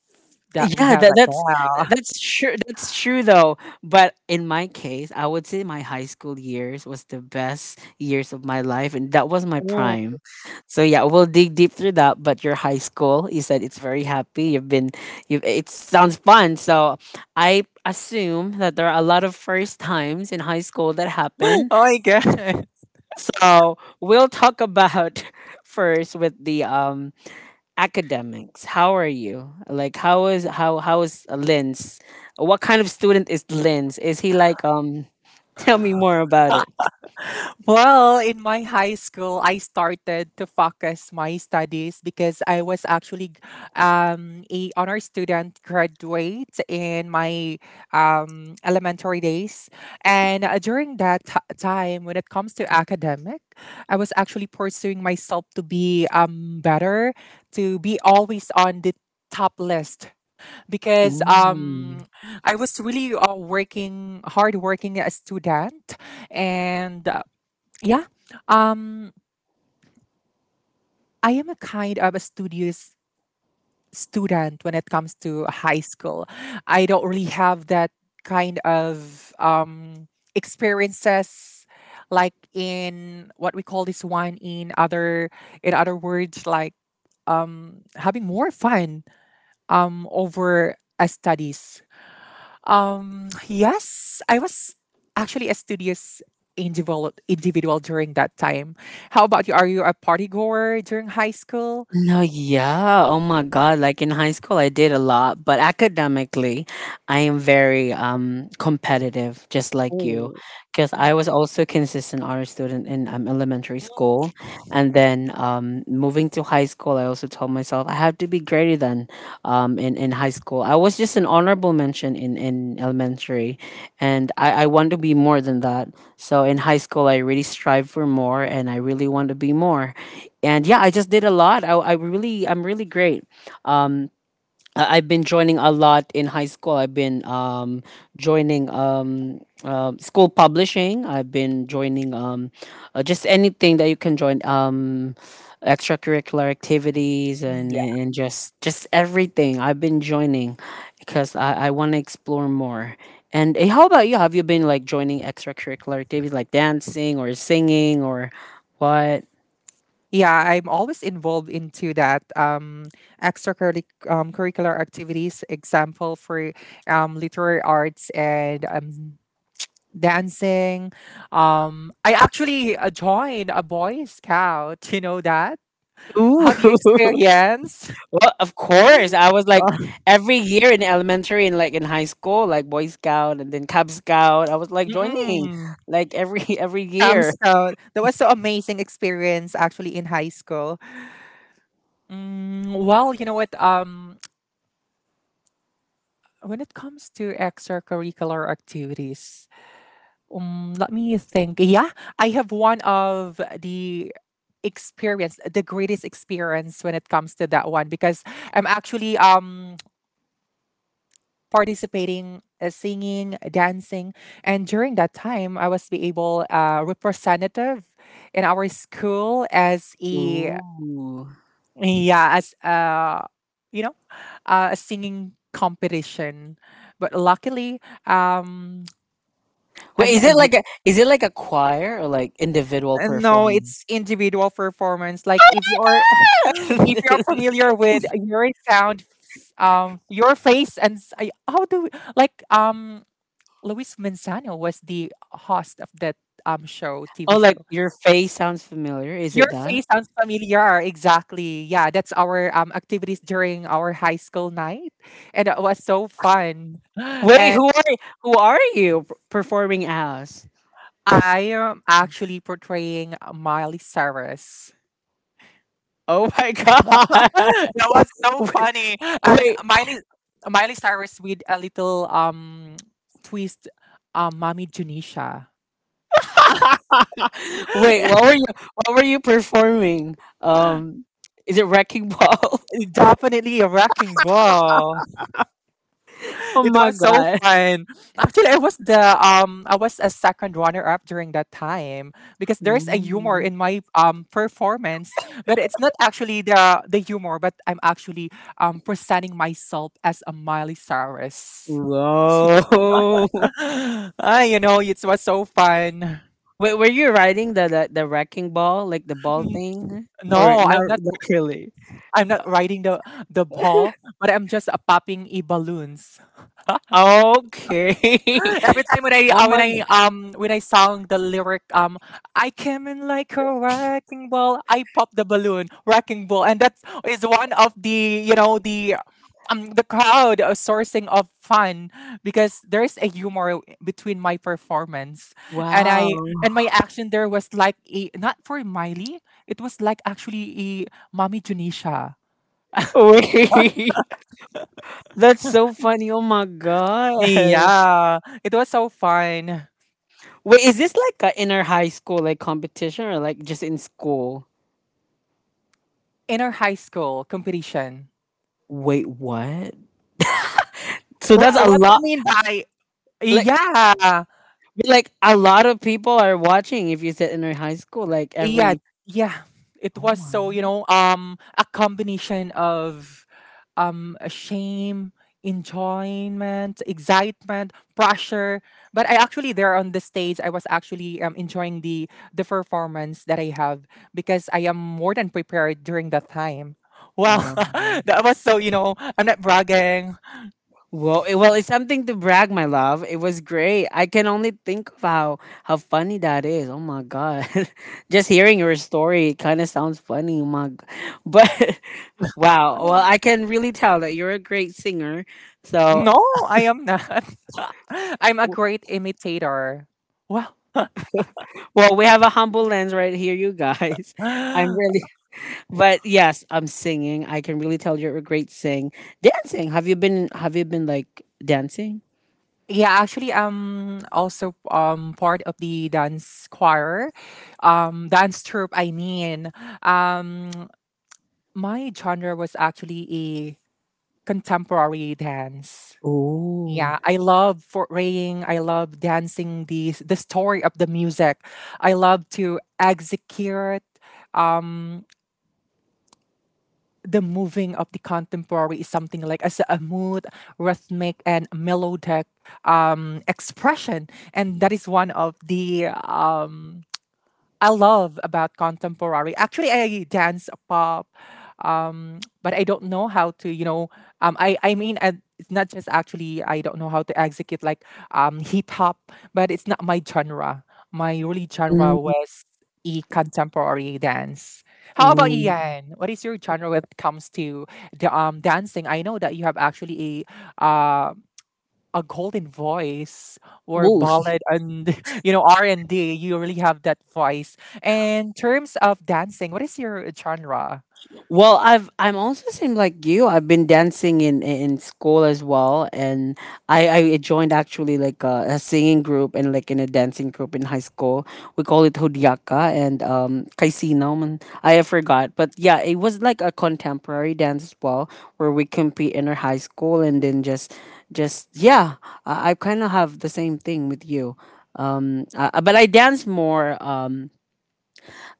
that we
Yeah,
have right now.
that's true. That's true though. But in my case, I would say my high school years was the best years of my life, and that was my
Mm.
prime. So yeah, we'll dig deep through that. But your high school, you said it's very happy. You've been, you. It sounds fun. So I assume that there are a lot of first times in high school that
Oh
happen.
my god!
So we'll talk about first with the academics. How are you? Like how is Linz? What kind of student is Linz? Is he like tell me more about it.
Well, in my high school, I started to focus my studies because I was actually a honor student graduate in my elementary days, and during that time, when it comes to academic, I was actually pursuing myself to be better, to be always on the top list because
Mm.
I was really working hard working a student, and yeah. Um, I am a kind of a studious student when it comes to high school. I don't really have that kind of experiences like in what we call this one in other words, like having more fun over a studies. Yes, I was actually a studious individual during that time. How about you? Are you a party goer during high school?
No, yeah. Oh my God. Like in high school, I did a lot, but academically, I am very competitive, just like you,
Oh,
because I was also consistent honor student in elementary school, and then moving to high school, I also told myself I have to be greater than in high school. I was just an honorable mention in elementary, and I want to be more than that. So in high school, I really strive for more, and I really want to be more. And yeah, I just did a lot. I'm really great. Um, I've been joining a lot in high school. I've been joining school publishing. I've been joining just anything that you can join, extracurricular activities,
yeah.
and just everything. I've been joining because I want to explore more. And eh, how about you? Have you been like joining extracurricular activities like dancing or singing or what?
Yeah, I'm always involved into that extracurricular curricular activities, example for literary arts and dancing. I actually joined a boy scout, you know that?
Ooh.
Have you experienced?
Well, of course. I was like every year in elementary and like in high school, like Boy Scout and then Cub Scout. I was like joining
Mm-mm.
like every every
Camp
year.
Scout. That was so amazing experience actually in high school. Mm, well, you know what? When it comes to extracurricular activities, let me think. Yeah, I have one of the experience, the greatest experience when it comes to that one because I'm actually participating, singing, dancing, and during that time, I was be able representative in our school as a...
Ooh.
Yeah, as you know, a singing competition. But luckily, um, I'm
Wait, is
not,
it like a choir or like individual
no, it's
performance?
individual performance. Like if you're
Oh,
if you're familiar with your sound, your face, and s- I- how do like Luis Manzano was the host of that show, TV
like
show.
your face sounds familiar. Is
Your
it that?
face sounds familiar. Exactly. Yeah, that's our activities during our high school night, and it was so fun.
Wait,
And
who are you performing as?
I am actually portraying Miley Cyrus.
Oh my god!
That was so
Wait,
funny. And
wait.
Miley Cyrus with a little twist, Mommy Junisha.
Wait, what were you performing? Um is it Wrecking Ball?
Definitely a wrecking ball.
Oh
It
my
was so
god.
fun. Actually, I was the I was a second runner up during that time because there's a humor
Ooh.
in my performance, but it's not actually the humor, but I'm actually presenting myself as a Miley Cyrus.
Whoa.
Ah, it was so fun.
Wait, were you riding the wrecking ball, like the ball
N-
thing? Or
No,
not,
I'm not.
not really.
I'm not riding the ball, but I'm just popping e balloons.
Okay.
Every time when I uh,
Oh
when
my
I
g-
um when I sang the lyric, I came in like a wrecking ball, I popped the balloon, wrecking ball, and that is one of the the crowd sourcing of fun because there is a humor between my performance and
wow.
I and my action, there was like a not for Miley, it was like actually a mommy Junisha.
Wait. That's so funny. Oh my god.
Yeah, it was so fun.
Wait, is this like a inner high school like competition or like just in school?
Inner high school competition.
Wait, what? So
What
that's a
what I
lot.
mean by...
Like
yeah,
a lot of people are watching if you said in our high school like
yeah,
every.
yeah. It
Oh
was
my
so a combination of shame, enjoyment, excitement, pressure. But I actually, there on the stage, I was actually enjoying the performance that I have because I am more than prepared during that time. Well,
god.
that was so... I'm not bragging.
Well it, well it's something to brag, my love. It was great. I can only think of how funny that is. Oh my god. Just hearing your story kind of sounds funny. Oh my g- but wow. Well, I can really tell that you're a great singer, so
No, I am not. I'm a
w-
great imitator. Well,
well, we have a humble Lens right here, you guys. I'm
yeah,
really. But yes, I'm singing. I can really tell you're a great sing. Dancing. Have you been like dancing?
actually, I'm also part of the dance choir, dance troupe. I mean, um, my genre was actually a contemporary dance.
Oh.
Yeah, I love foraying. I love dancing the story of the music. I love to execute. Um, the moving of the contemporary is something like as a mood, rhythmic, and melodic expression, and that is one of the I love about contemporary. Actually, I dance pop, but I don't know how to. You know, I mean, it's not just actually I don't know how to execute like hip hop, but it's not my genre. My really genre was e contemporary dance. How about you,
Mm-mm.
Yan? What is your genre when it comes to the dancing? I know that you have actually a uh a golden voice or ballad, and R&D, you really have that voice. In terms of dancing, what is your genre?
Well, I've I'm also same like you. I've been dancing in school as well, and I joined actually like a singing group and like in a dancing group in high school. We call it Hudyaka and Kaisino. Man, I have forgot, but yeah, it was like a contemporary dance as well, where we compete in our high school and then just yeah. I kind of have the same thing with you. But I dance more.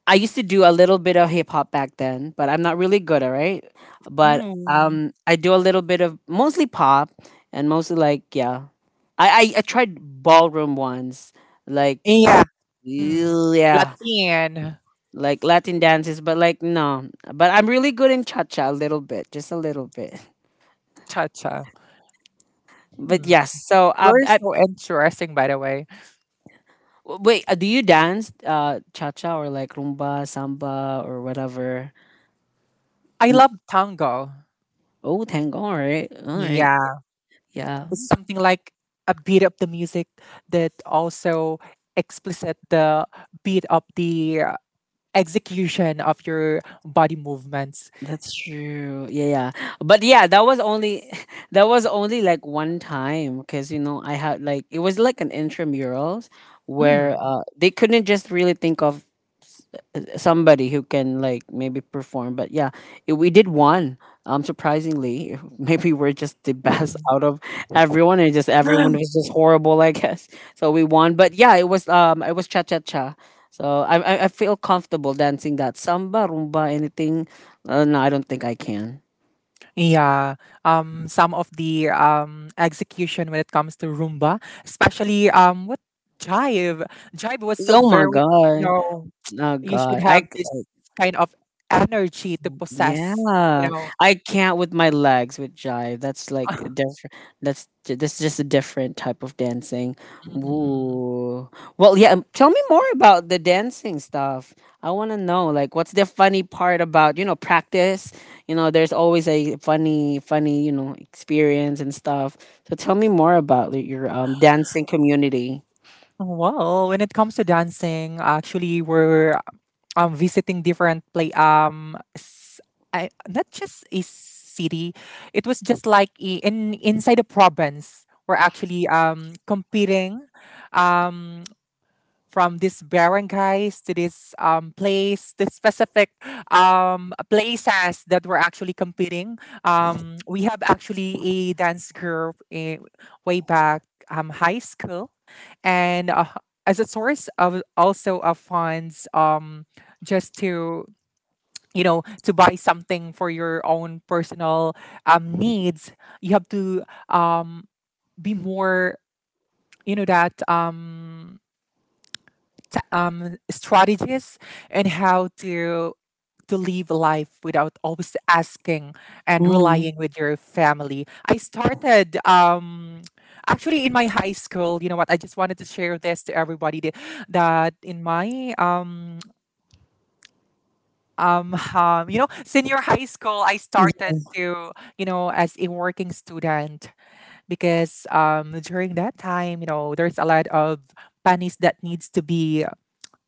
I used to do a little bit of hip hop back then, but I'm not really good, all right? But
Mm.
I do a little bit of mostly pop and mostly like yeah. I tried ballroom once, like
Yeah. Mm.
yeah,
Latin.
like Latin dances, but like no. But I'm really good in cha cha a little bit, just a little bit.
Cha-cha.
But
Hmm.
yes, so
You're so interesting, by the way.
wait, do you dance cha cha or like rumba, samba or whatever?
I
N-
love tango.
Oh, tango, all right,
Yeah,
yeah.
it's something like a beat of the music that also explicit the beat of the execution of your body movements.
That's true. Yeah, yeah. But yeah, that was only that was only like one time because you know I had like it was like an intramurals where
Mm.
they couldn't just really think of somebody who can like maybe perform. But yeah, we did one. Surprisingly, maybe we're just the best out of everyone, and just everyone was just horrible, I guess. So we won. But yeah, it was cha cha cha. So I feel comfortable dancing that samba, rumba, anything. No, I don't think I can.
Yeah, some of the execution when it comes to Roomba, especially what... Jive. Jive was so
Oh my
very, you
god,
know,
oh
you should
god, I
have this kind of energy to possess, you
yeah,
know.
I can't with my legs with jive. That's like different. That's just a different type of dancing.
Mm-mm.
Ooh. Well, yeah. Tell me more about the dancing stuff. I want to know, like, what's the funny part about practice? You know, there's always a funny, funny experience and stuff. So tell me more about your dancing community.
Well, when it comes to dancing, actually, we're visiting different play I, not just a city, it was just like in inside the province we're actually competing um from this barangays to this place, the specific places that were actually competing. We have actually a dance group in, way back, high school, and as a source of also of funds, just to to buy something for your own personal needs, you have to um, be more, that. Strategies and how to live life without always asking and
Mm.
relying with your family. I started actually in my high school. You know what? I just wanted to share this to everybody that in my senior high school, I started to, as a working student because during that time, there's a lot of bunnies that needs to be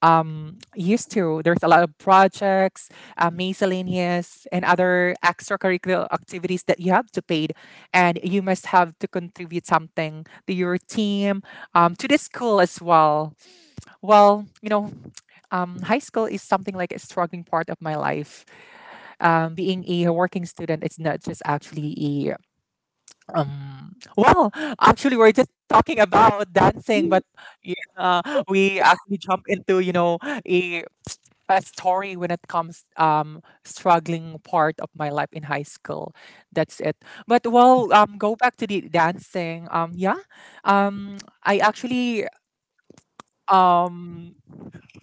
used to. There's a lot of projects, miscellaneous, and other extracurricular activities that you have to pay, and you must have to contribute something to your team, to the school as well. Well, high school is something like a struggling part of my life. Being a working student, it's not just actually well, actually, we're just talking about dancing, but yeah, we actually jump into, a, a story when it comes struggling part of my life in high school. That's it. But well, go back to the dancing. Yeah, um, I actually um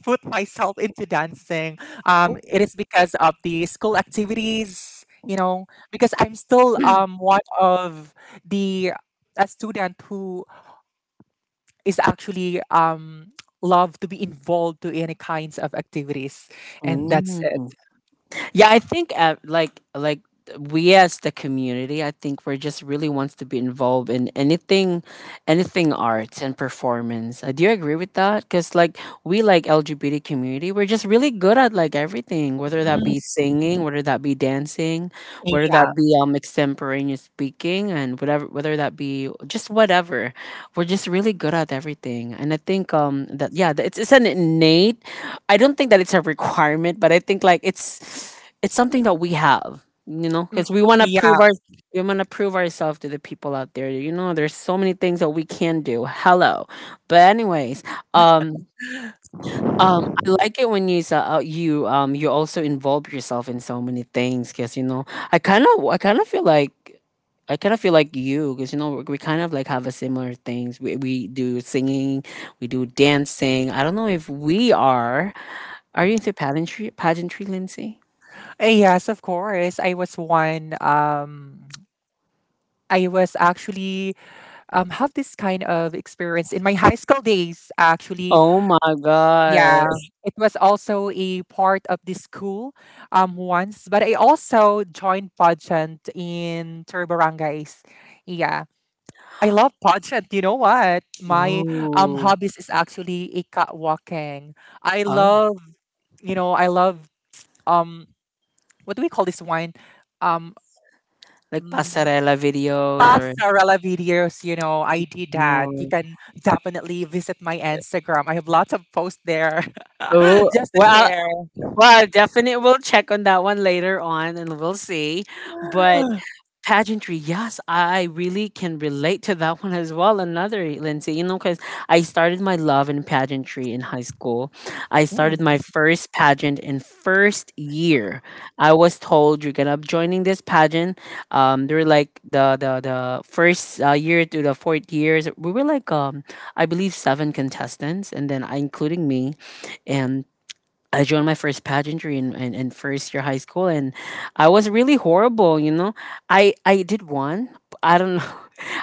put myself into dancing. It is because of the school activities, because I'm still one of the a student who is actually love to be involved to any kinds of activities, and that's it.
Mm. Yeah, I think like we as the community, I think we're just really wants to be involved in anything arts and performance. Do you agree with that? Because like we, like, LGBT community, we're just really good at like everything, whether that
Mm-hmm.
be singing, whether that be dancing, whether
Yeah.
that be extemporaneous speaking and whatever, whether that be just whatever. We're just really good at everything. And I think that, yeah, that it's an innate. I don't think that it's a requirement, but I think like it's something that we have, you know,
Mm.
because we want to prove our,
Yeah.
we want to prove ourselves to the people out there. You know, there's so many things that we can do. Hello, but anyways, um. I like it when you you also involve yourself in so many things, because you know I kind of feel like you because you know we kind of like have a similar things, we do singing, we do dancing. I don't know if we are. Are you into pageantry, Lindsay?
Yes, of course. I was one. I was actually have this kind of experience in my high school days. Actually,
Oh my god.
yeah, it was also a part of the school once, but I also joined pageant in Tur Barangays. Yeah. I love pageant. You know what? My
Ooh.
hobbies is actually a walking. I
Oh.
love, I love um what do we call this wine? Um,
Like
mm,
pasarela videos or yes.
Pastarella videos. You know, I did that. You
Ooh.
can definitely visit my Instagram. I have lots of posts there,
Ooh.
just to
Well,
share.
well, I definitely will check on that one later on, and we'll see. But pageantry, yes, I really can relate to that one as well. Another, Lindsay, you know, because I started my love in pageantry in high school. I started
Mm.
my first pageant in first year. I was told you're gonna be joining this pageant. They were like the first year to the fourth years. We were like, I believe seven contestants, and then I, including me, and I joined my first pageantry in first year high school, and I was really horrible. You know, I did one. But I don't know.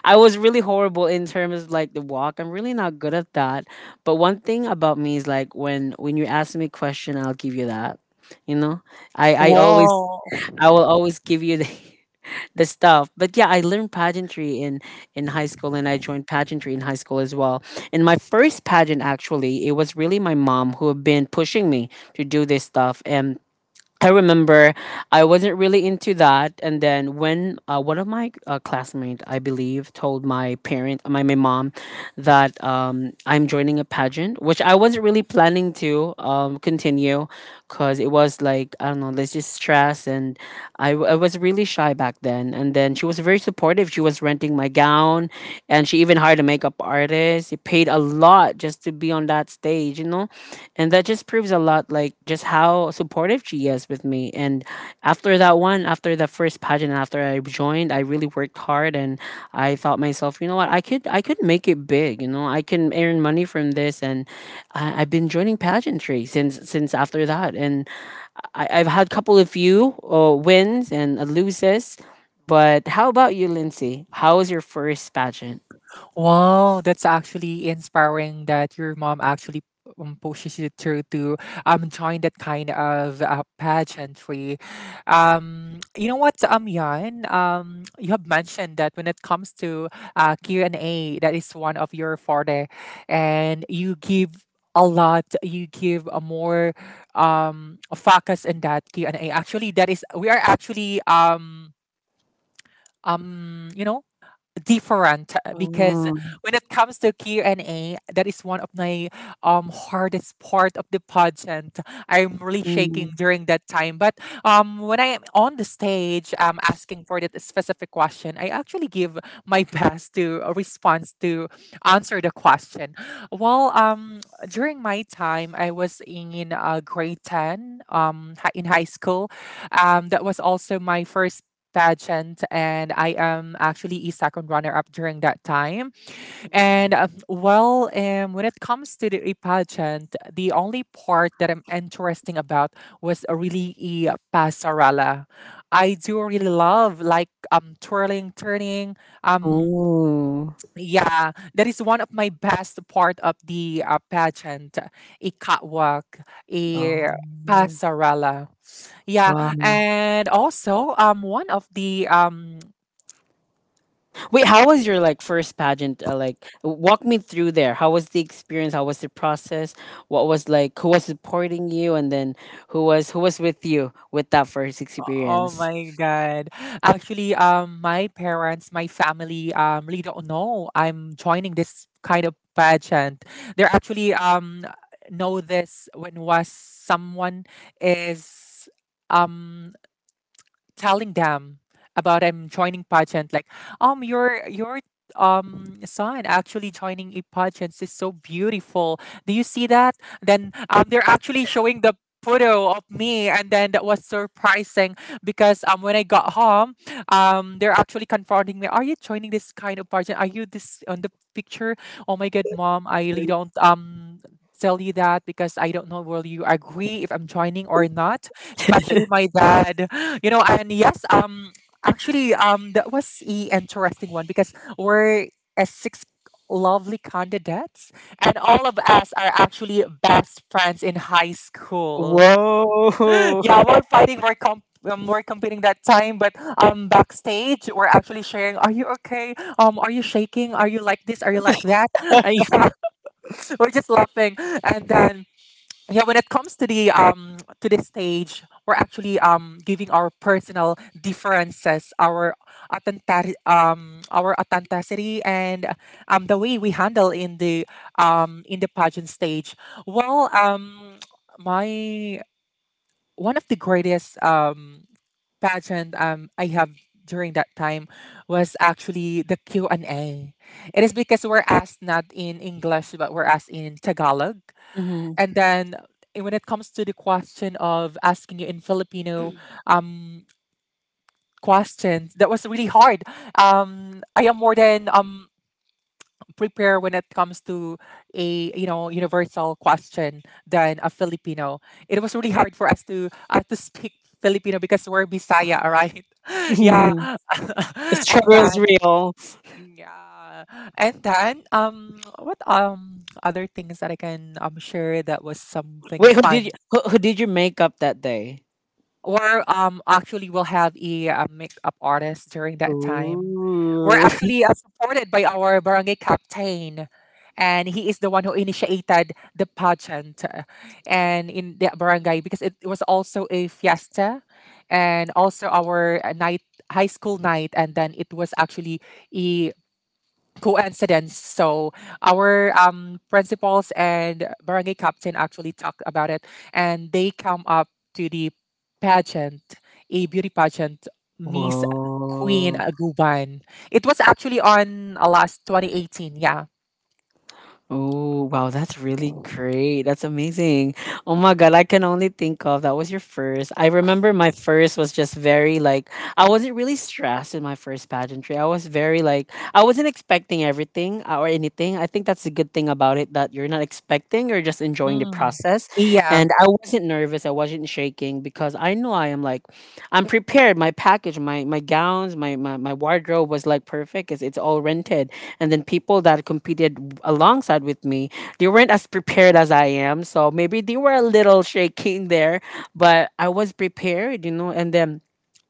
I was really horrible in terms of like the walk. I'm really not good at that. But one thing about me is like when you ask me question, I'll give you that. You know, I I always
Wow.
I will always give you the the stuff. But yeah, I learned pageantry in high school, and I joined pageantry in high school as well. And my first pageant, actually, it was really my mom who had been pushing me to do this stuff, and I remember I wasn't really into that, and then when one of my classmates, I believe, told my parent, my mom, that I'm joining a pageant, which I wasn't really planning to continue, because it was like, I don't know, there's just stress. And I was really shy back then, and then she was very supportive. She was renting my gown, and she even hired a makeup artist. She paid a lot just to be on that stage, you know, and that just proves a lot, like just how supportive she is with me. And after that one, after the first pageant, after I joined, I really worked hard. And I thought myself, you know what, I could make it big, you know, I can earn money from this. And I've been joining pageantry since after that. And I've had a couple of few wins and loses. But how about you, Lindsay? How was your first pageant?
Wow, that's actually inspiring that your mom actually pushes you through to join that kind of pageantry. You know what, Yan, you have mentioned that when it comes to Q and A, that is one of your forte, and you give a lot. You give a more focus in that Q and A. Actually, that is we are actually um you know different, because
Oh,
when it comes to Q and A, that is one of my hardest part of the pageant. I'm really shaking
mm.
during that time. But when I am on the stage, asking for that specific question, I actually give my best to a response to answer the question. Well, during my time, I was in grade 10 in high school. That was also my first pageant, and I am actually a second runner up during that time. And when it comes to the a pageant, the only part that I'm interesting about was a really a pasarela. I do really love like twirling, turning, um.
Oh.
Yeah, that is one of my best part of the pageant, a catwalk,
Oh,
a pasarela. Yeah,
wow.
and also one of the um
Wait, how was your like first pageant? Like, walk me through there. How was the experience? How was the process? What was like? Who was supporting you? And then who was with you with that first
oh
experience?
my God. Actually, my parents, my family, really don't know I'm joining this kind of pageant. They're actually know this when was someone is um telling them about I'm joining pageant. Like, your son actually joining a pageant is so beautiful. Do you see that? Then they're actually showing the photo of me, and then that was surprising because when I got home, they're actually confronting me. Are you joining this kind of pageant? Are you this on the picture? Oh my god, mom, I really don't tell you that because I don't know will you agree if I'm joining or not, especially my dad. You know, and yes, actually, that was a interesting one because we're a six lovely candidates, and all of us are actually best friends in high school.
Whoa.
Yeah, we're competing that time, but backstage we're actually sharing. Are you okay? Are you shaking? Are you like this? Are you like that? And yeah, we're just laughing, and then yeah, when it comes to the to this stage, we're actually giving our personal differences, our authentic our authenticity, and the way we handle in the pageant stage. Well my One of the greatest pageant I have during that time was actually the Q&A. It is because we're asked not in English but we're asked in Tagalog,
Hmm.
and then when it comes to the question of asking you in Filipino um, questions, that was really hard. I am more than prepared when it comes to a you know universal question than a Filipino. It was really hard for us to speak Filipino because we're Bisaya, all right? Yeah,
The
and
struggle is
then.
real.
Yeah, and then what other things that I can share that was something
Wait, who did you
fun?
who, who did your makeup that day?
Or Actually, we'll have a, makeup artist during that time. We're
Ooh.
actually supported by our barangay captain, and he is the one who initiated the pageant and in the barangay because it was also a fiesta and also our night, high school night, and then it was actually a coincidence. So our principals and barangay captain actually talked about it, and they come up to the pageant, a beauty pageant, Miss Queen
Whoa.
Aguban. It was actually on last 2018. Yeah.
Oh, wow, that's really great. That's amazing. Oh my God, I can only think of that was your first. I remember my first was just very like, I wasn't really stressed in my first pageantry. I was very like, I wasn't expecting everything or anything. I think that's the good thing about it, that you're not expecting, you're just enjoying the
Mm.
process.
Yeah.
And I wasn't nervous, I wasn't shaking because I know I am like, I'm prepared. My package, my gowns, my wardrobe was like perfect because it's all rented. And then people that competed alongside with me, they weren't as prepared as I am. So maybe they were a little shaking there, but I was prepared, you know, and then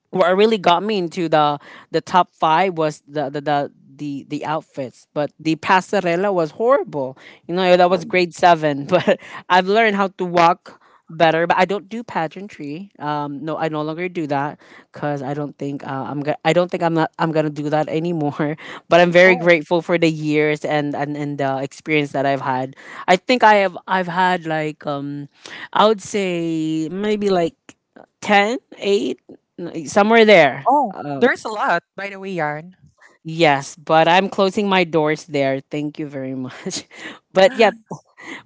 what really got me into the top five was the outfits. But the passerella was horrible, you know. That was grade seven. But I've learned how to walk better. But I don't do pageantry. No, I no longer do that because I don't think I'm gonna I don't think I'm not I'm gonna do that anymore. But I'm very
Oh.
grateful for the years, and the experience that I've had. I've had like, I would say maybe like 10, 8. Somewhere there.
Oh, there's a lot, by the way, Yarn.
Yes, but I'm closing my doors there. Thank you very much. But yeah,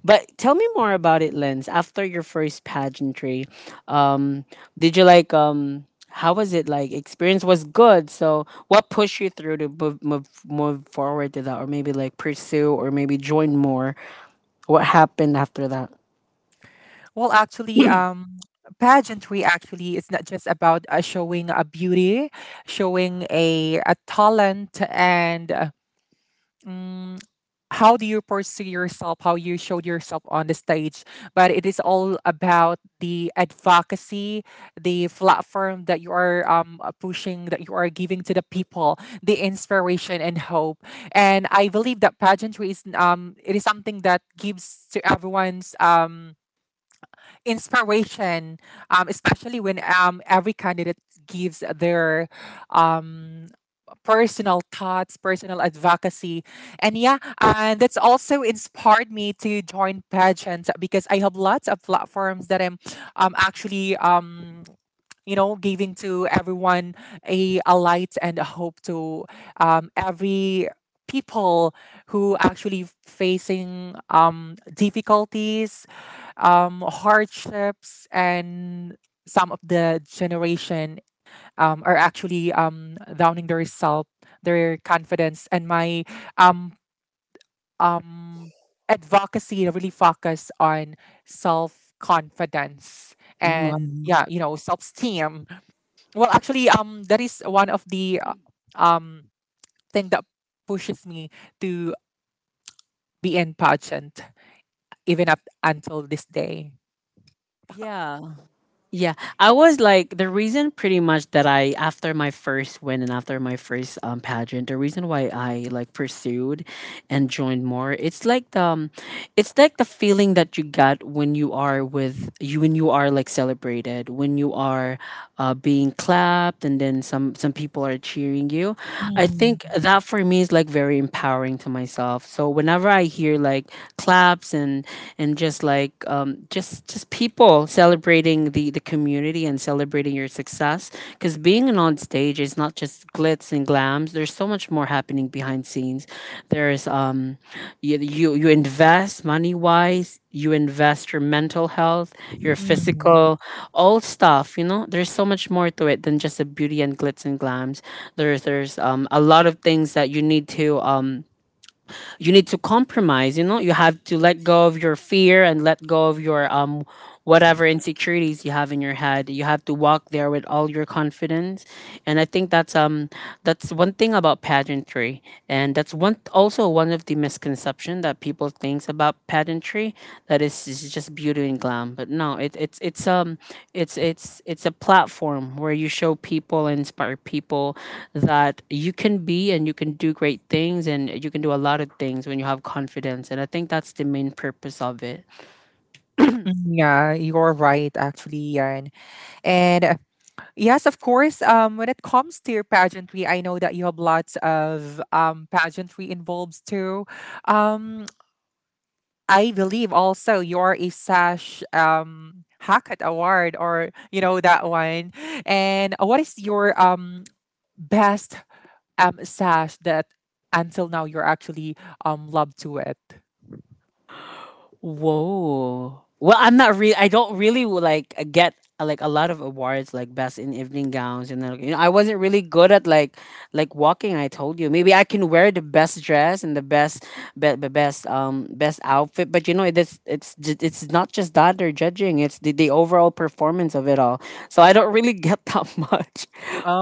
but tell me more about it, Lens. After your first pageantry, um, did you like, how was it like? Experience was good. So what pushed you through to move forward to that, or maybe like pursue, or maybe join more? What happened after that?
Well, actually, pageantry actually is not just about showing a beauty, showing a, talent, and mm, how do you pursue yourself, how you showed yourself on the stage. But it is all about the advocacy, the platform that you are pushing, that you are giving to the people, the inspiration and hope. And I believe that pageantry is it is something that gives to everyone's inspiration, especially when every candidate gives their um, personal thoughts, personal advocacy. And yeah, and that's also inspired me to join pageants because I have lots of platforms that I'm actually you know, giving to everyone a light and a hope to every people who actually facing difficulties, hardships, and some of the generation are actually downing the result, their confidence, and my um, um, advocacy really focus on self confidence and,
Wow.
yeah, you know, self esteem. Well, actually, that is one of the um thing that pushes me to be in pageant even up until this day.
Yeah. Yeah, I was like the reason pretty much that I, after my first win and after my first pageant, the reason why I like pursued and joined more, it's like the feeling that you got when you are with you, when you are like celebrated, when you are being clapped, and then some people are cheering you. I think
Mm,
that for me is like very empowering to myself. So whenever I hear like claps and just like, just people celebrating the community and celebrating your success, because being on stage is not just glitz and glams. There's so much more happening behind scenes. There's, you invest money wise. You invest your mental health, your
mm.
physical, all stuff. You know, there's so much more to it than just the beauty and glitz and glams. There's a lot of things that you need to, um you need to compromise. You know, you have to let go of your fear and let go of your whatever insecurities you have in your head. You have to walk there with all your confidence. And I think that's, that's one thing about pageantry. And that's one, also one of the misconception that people thinks about pageantry, that is just beauty and glam. But no, it, it's a platform where you show people, inspire people, that you can be and you can do great things. And you can do a lot of things when you have confidence. And I think that's the main purpose of it.
Yeah, you're right, actually, Yan. And yes, of course. When it comes to your pageantry, I know that you have lots of pageantry involved too. Um, I believe also you're a Sash Hackett Award, or you know that one. And what is your best sash that until now you're actually loved to it?
Whoa. Well, I'm not really. I don't really like get like a lot of awards like best in evening gowns and like, you know, I wasn't really good at like walking. I told you, maybe I can wear the best dress and the best outfit, but you know, it's not just that they're judging. It's the overall performance of it all. So I don't really get that much,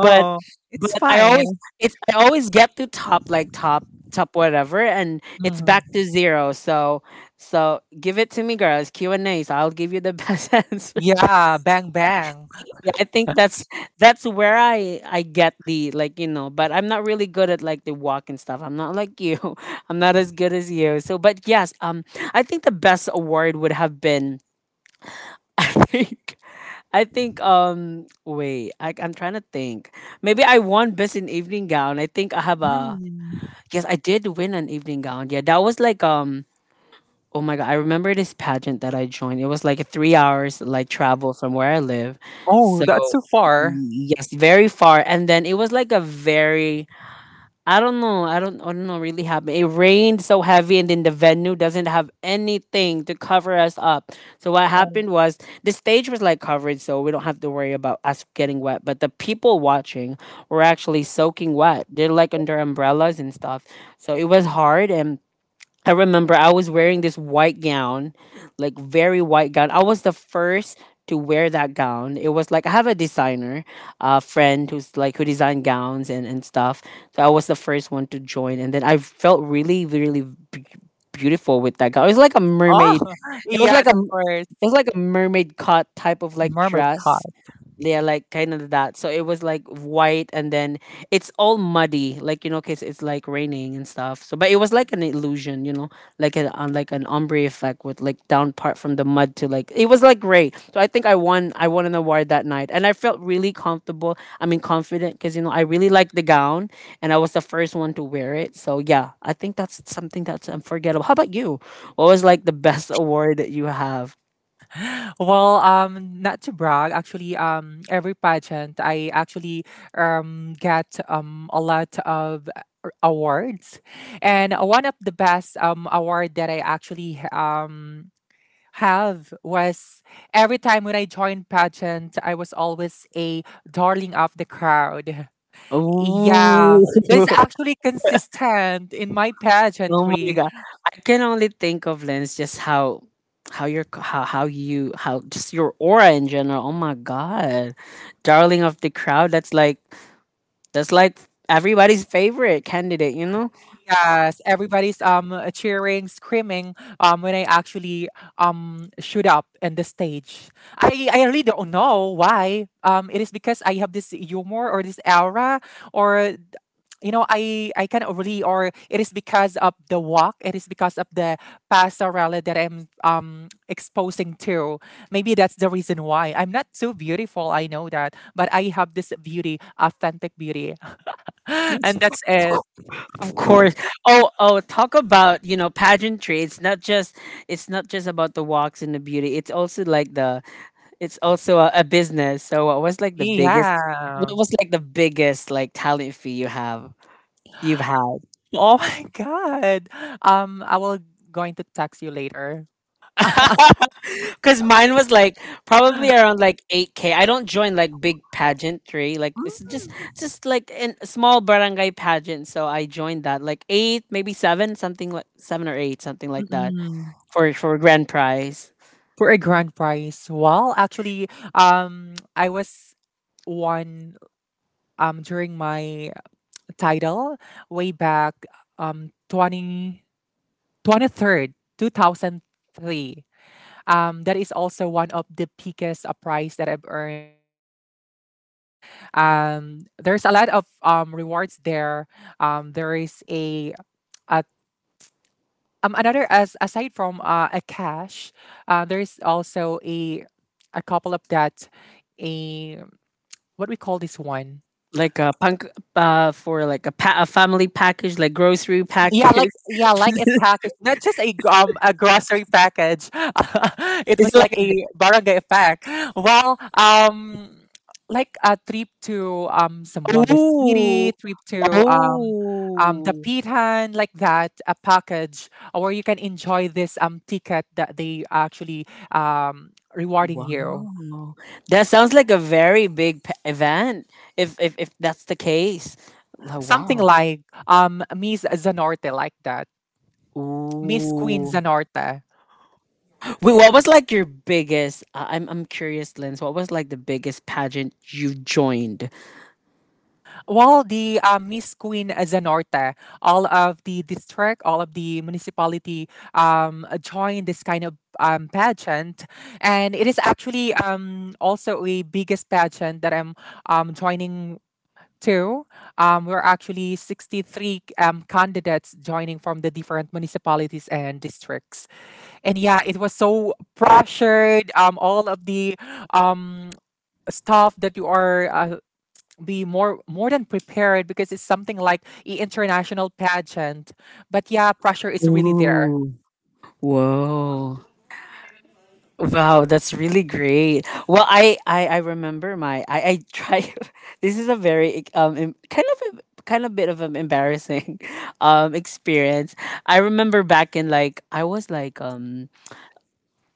but
it's
but I always,
fine.
it's I always get to top, like top whatever, and it's
Mm.
back to zero. So give it to me, girls. Q&A's. I'll give you the best answer.
Yeah, bang bang.
Yeah, I think that's where I get the, like, you know, but I'm not really good at like the walk and stuff. I'm not like you. I'm not as good as you. So, but yes, I think the best award would have been. I think I think wait I I'm trying to think. Maybe I won best in evening gown. I think I have a
Mm.
Yes, I did win an evening gown, yeah. that was like um Oh my god, I remember this pageant that I joined. It was like a 3 hours like travel from where I live.
Oh,
So
that's too far.
yes, very far. And then it was like a very, I don't know really happened. It rained so heavy and then the venue doesn't have anything to cover us up. So what
Oh,
happened was the stage was like covered so we don't have to worry about us getting wet. But the people watching were actually soaking wet. They're like under umbrellas and stuff. So it was hard. And I remember I was wearing this white gown, like very white gown. I was the first to wear that gown. It was like I have a designer, friend who's like who designed gowns and stuff. So I was the first one to join, and then I felt really b- beautiful with that gown. It was like a mermaid.
oh,
It was like
yes,
a
of course.
it was like a mermaid cut type of like
Mermaid
dress.
card.
Yeah, like kind of that. So it was like white and then it's all muddy, like you know, cause it's like raining and stuff. So, but it was like an illusion, you know, like an ombre effect with like down part from the mud to like it was like gray. So I think I won an award that night, and I felt really comfortable. I mean, confident, cause you know I really liked the gown, and I was the first one to wear it. So yeah, I think that's something that's unforgettable. How about you? What was like the best award that you have?
Well, not to brag, actually, every pageant I actually get a lot of awards, and one of the best award that I actually have was every time when I joined pageant, I was always a darling of the crowd. Yeah,
Ooh.
that's actually consistent in my
Oh my
pageantry.
god. I can only think of Lens, just how your c- how you how just your aura in general. Oh my god. Darling of the crowd. That's like everybody's favorite candidate, you know?
Yes, everybody's cheering, screaming when I actually shoot up in the stage. I really don't know why. It is because I have this humor or this aura, or you know, I can really, or it is because of the walk. It is because of the passerelle that I'm exposing to. Maybe that's the reason why I'm not so beautiful. I know that, but I have this beauty, authentic beauty, and
Yes,
that's
Of
it.
cour- of course. Oh, oh, talk about, you know, pageantry. It's not just about the walks and the beauty. It's also like the it's also a business. So what was like the biggest,
Yeah.
what was like the biggest like talent fee you've had?
Oh my god. I will going to text you later.
Because mine was like probably around like 8K. I don't join like big pageantry. It's just like in a small barangay pageant. So I joined that like 8, maybe 7, something like 7 or 8, something like that
Mm-mm.
for grand prize.
For a grand prize. Well, actually, I was one during my title way back twenty twenty third 2003. That is also one of the biggest prize that I've earned during my pageantry. There's a lot of rewards there. There is a Another as aside from a cash, there is also a couple of that a what we call this one.
Like a punk, for like a, a family package, like grocery
Yeah,
package.
like, yeah, like a package, not just a grocery package. It
Is it
was like
like a,
a barangay pack. Well, like a trip to Sambuanga
ooh,
City, trip to
oh.
Dapitan, like that, a package where you can enjoy this ticket that they actually rewarding you.
Wow. That sounds like a very big event, if that's the case. Like
Something
wow.
like Miss Zanorte, like that, Miss Queen
Ooh.
Zanorte.
Wait, what was like your biggest I'm curious, Lens. What was like the biggest pageant you joined?
Well, the Miss Queen Zanorte, all of the district, all of the municipality joined this kind of pageant. And it is actually also a biggest pageant that I'm joining to. We're actually 63 candidates joining from the different municipalities and districts. And yeah, it was so pressured. All of the um, stuff that you are be more than prepared because it's something like international pageant. But yeah, pressure is really there.
Ooh. Whoa. Wow, that's really great. Well, I remember my I try. This is a very kind of kind of bit of an embarrassing experience. I remember back in like I was like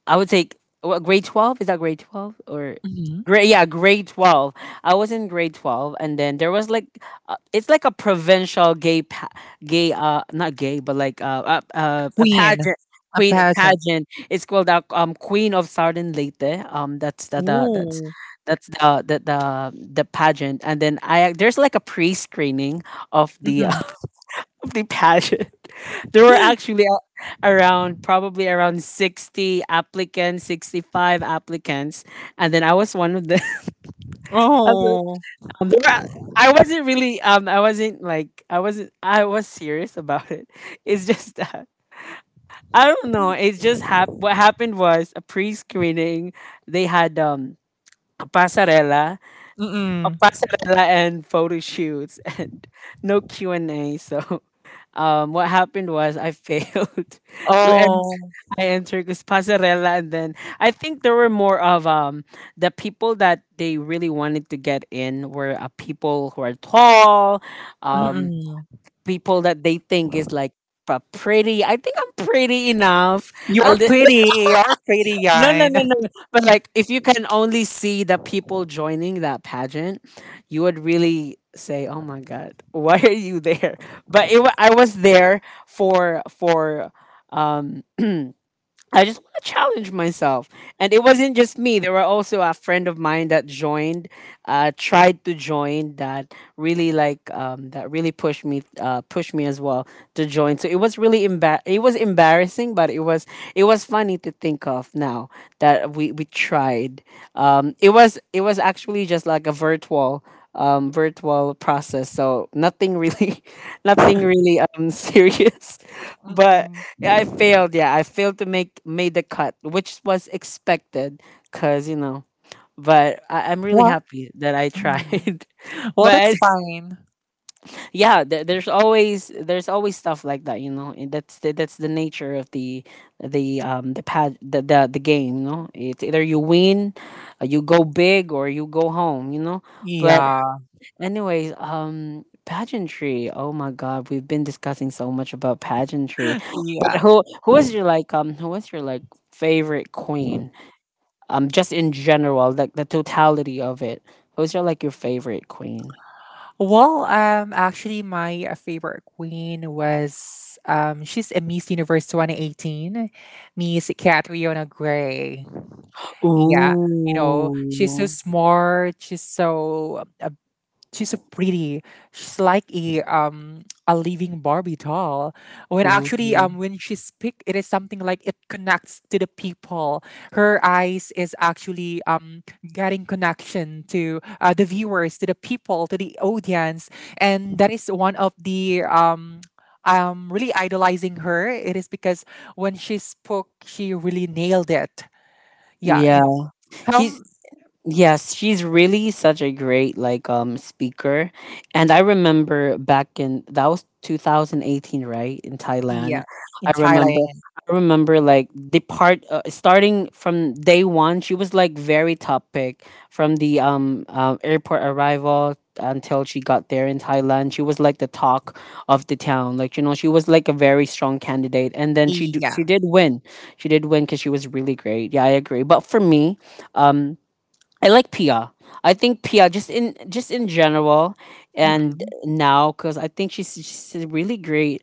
I would take what, grade 12. Is that grade 12 or
Hmm.
grade? Yeah, grade 12. I was in grade 12, and then there was like it's like a provincial gay not gay but like a
Queen,
pageant.
a
Queen a
pageant.
pageant. It's called Queen of Southern Leyte. That's the that's
Ooh.
that's the the pageant, and then I there's like a pre-screening of the
Mm-mm.
of the pageant. There were actually around probably around 60 applicants, 65 applicants, and then I was one of them. As
Oh.
a- there were- I wasn't really I wasn't like I wasn't I was serious about it. It's just that I don't know. It's just what happened was a pre-screening. They had a pasarela, a
Mm-mm.
pasarela and photo shoots and no Q&A. So what happened was I failed to en-
Oh.
I entered this passerella, and then I think there were more of the people that they really wanted to get in were people who are tall, um,
Mm-mm.
people that they think is like pretty. I think I'm pretty enough. A
You're
li-
pretty. You're pretty,
no, no, no,
Yan.
no. no. But like, if you can only see the people joining that pageant, you would really say, "Oh my God, why are you there?" But I was there for for. Um, I just want to challenge myself, and it wasn't just me. There were also a friend of mine that joined, tried to join, that really like that really pushed me, pushed me as well to join. So it was really embar it was embarrassing, but it was, it was funny to think of now that we tried. It was, it was actually just like a virtual virtual process, so nothing really nothing really serious. But
Mm-mm.
I failed. Yeah, I failed to make made the cut, which was expected, because you know. But I'm really
Well,
happy that I
mm,
tried.
well, that's
But
fine.
yeah, there's always stuff like that, you know, and that's that's the nature of the the game, you know. It's either you win, you go big or you go home, you know. But
Yeah.
anyways, um, pageantry, oh my god, we've been discussing so much about pageantry. But
Yeah.
who was your like who was your like favorite queen, um, just in general, like the totality of it. Who's your like your favorite queen?
Well, actually, my favorite queen was she's a Miss Universe 2018, Miss Catriona Gray. Yeah, you know, she's so
Ooh.
smart. She's so pretty. She's like a living Barbie doll. When
Mm,
actually when she speak, it is something like it connects to the people. Her eyes is actually getting connection to the viewers, to the people, to the audience, and that is one of the I'm really idolizing her. It is because when she spoke, she really nailed it. Yeah,
yeah.
you know.
He's
Um,
Yes, she's really such a great like speaker. And I remember back in, that was 2018, right? In Thailand.
yeah,
I
in
remember
Thailand.
I remember like the part, starting from day 1, she was like very topic from the airport arrival until she got there in Thailand. She was like the talk of the town. Like, you know, she was like a very strong candidate, and then she
Yeah.
did win. She did win, cuz she was really great. Yeah, I agree. But for me, um, I like Pia. I think Pia just in general and
Mm-mm.
now, cuz I think she's a really great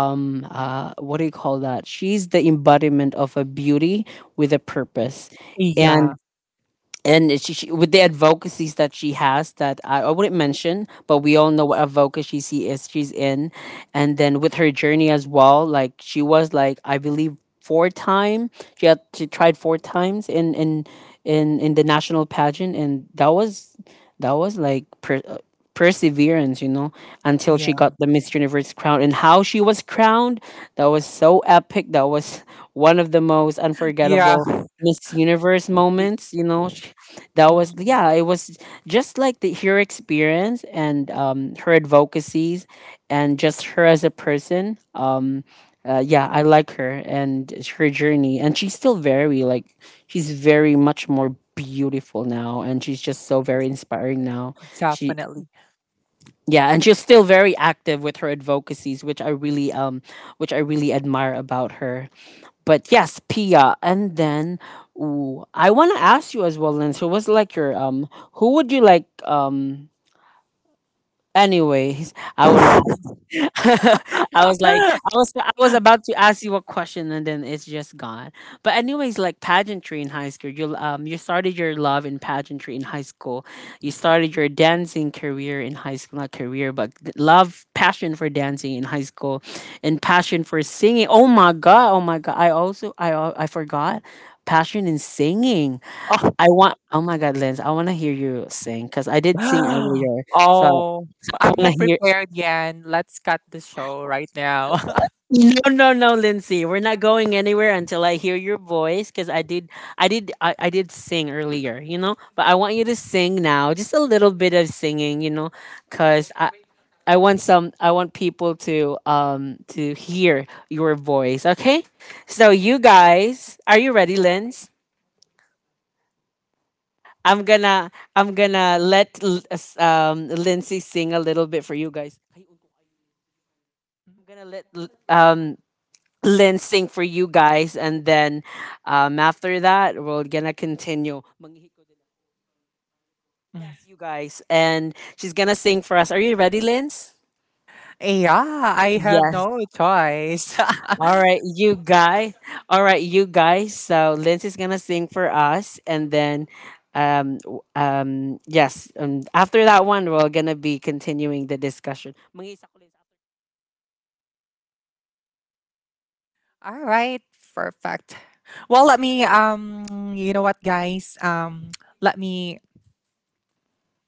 what do you call that? She's the embodiment of a beauty with a purpose. And
Yeah.
she with the advocacies that she has, that I wouldn't mention, but we all know what advocacy she's in. And then with her journey as well. Like she was like, I believe 4 time, she tried 4 times in the national pageant, and that was, that was like per, uh, perseverance, you know, until she
Yeah,
got the Miss Universe crown. And how she was crowned, that was so epic. That was one of the most
yeah,
unforgettable Miss Universe
y-
moments, you know. That was,
mm,
yeah, it was just like her experience and her advocacies and just her as a person, yeah, I like her and her journey. And she's still very like, she's very much more beautiful now, and she's just so very inspiring now. She
definitely.
Yeah, and she's still very active with her advocacies, which I really which I really admire about her. But yes, Pia. And then, ooh, I want to ask you as well, Lynn. So, what's like your who would you like um? Anyways, I wouldn't I was like, I was about to ask you a question, and then it's just gone. But anyways, like pageantry in high school, you you started your love in pageantry in high school. You started your dancing career in high school, not career, but love, passion for dancing in high school, and passion for singing. Oh my god, oh my god! I also, I forgot passion in singing.
Oh,
I want. Oh my god, Lens, I want to hear you sing because I did sing earlier, so I
oh, I'm
want
not
to hear.
prepared yet. Let's cut the show right now.
No, no, no, Lindsay. We're not going anywhere until I hear your voice because I did, I did sing earlier, you know? But I want you to sing now. Just a little bit of singing, you know, cuz I want some, I want people to hear your voice, okay? So you guys, are you ready, Linz? I'm gonna I'm gonna let Lindsay sing a little bit for you guys. I'm gonna let lensing for you guys, and then after that, we're gonna continue. Manghihiko din ako. Yes, you guys, and she's gonna sing for us. Are you ready, Linz?
Yeah, I have
Yes.
no choice.
All right, you guys. All right, you guys. So Linz is gonna sing for us, and then, yes. After that one, we're gonna be continuing the discussion. Manghihisa ko, Linz,
All right, perfect. Well, let me you know what, guys? Let me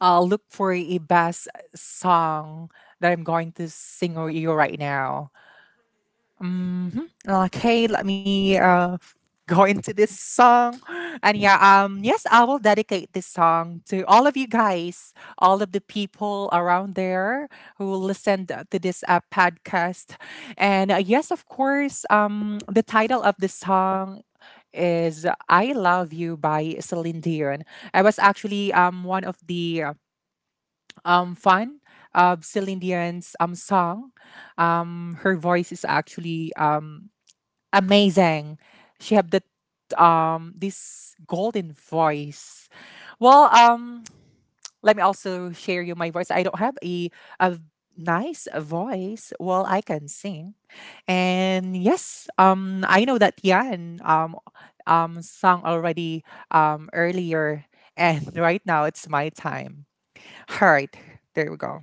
look for a best song that I'm going to sing or you right now. Hmm. Okay, let me go into this song. And yeah, yes, I will dedicate this song to all of you guys, all of the people around there who listened to this podcast. And yes, of course, the title of this song is I Love You by Celine Dion. I was actually one of the fan of Celine Dion's song. Her voice is actually amazing. She have the this golden voice. Well, let me also share you my voice. I don't have a nice voice. Well, I can sing. And yes, I know that Yan sang already earlier, and right now it's my time. All right. There we go.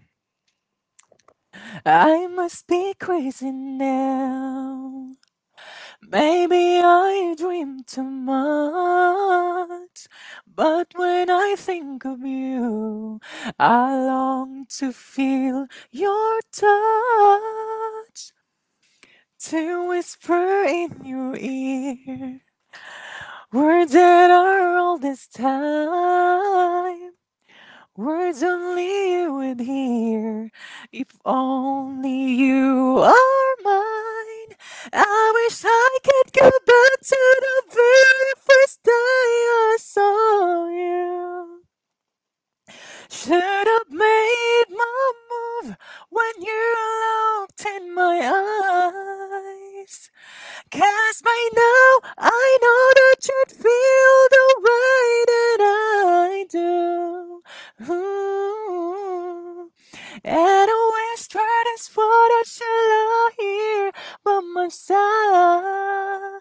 I must be crazy now. Maybe I dream too much, but when I think of you, I long to feel your touch, to whisper in your ear words that are all this time. Words only you would hear. If only you are mine. I wish I could go back to the very first day I saw you. Should have made my move when you looked in my eyes. Cause by now I know that you'd feel the way that I do. Ooh. And a whisper is what I shall hear by my side.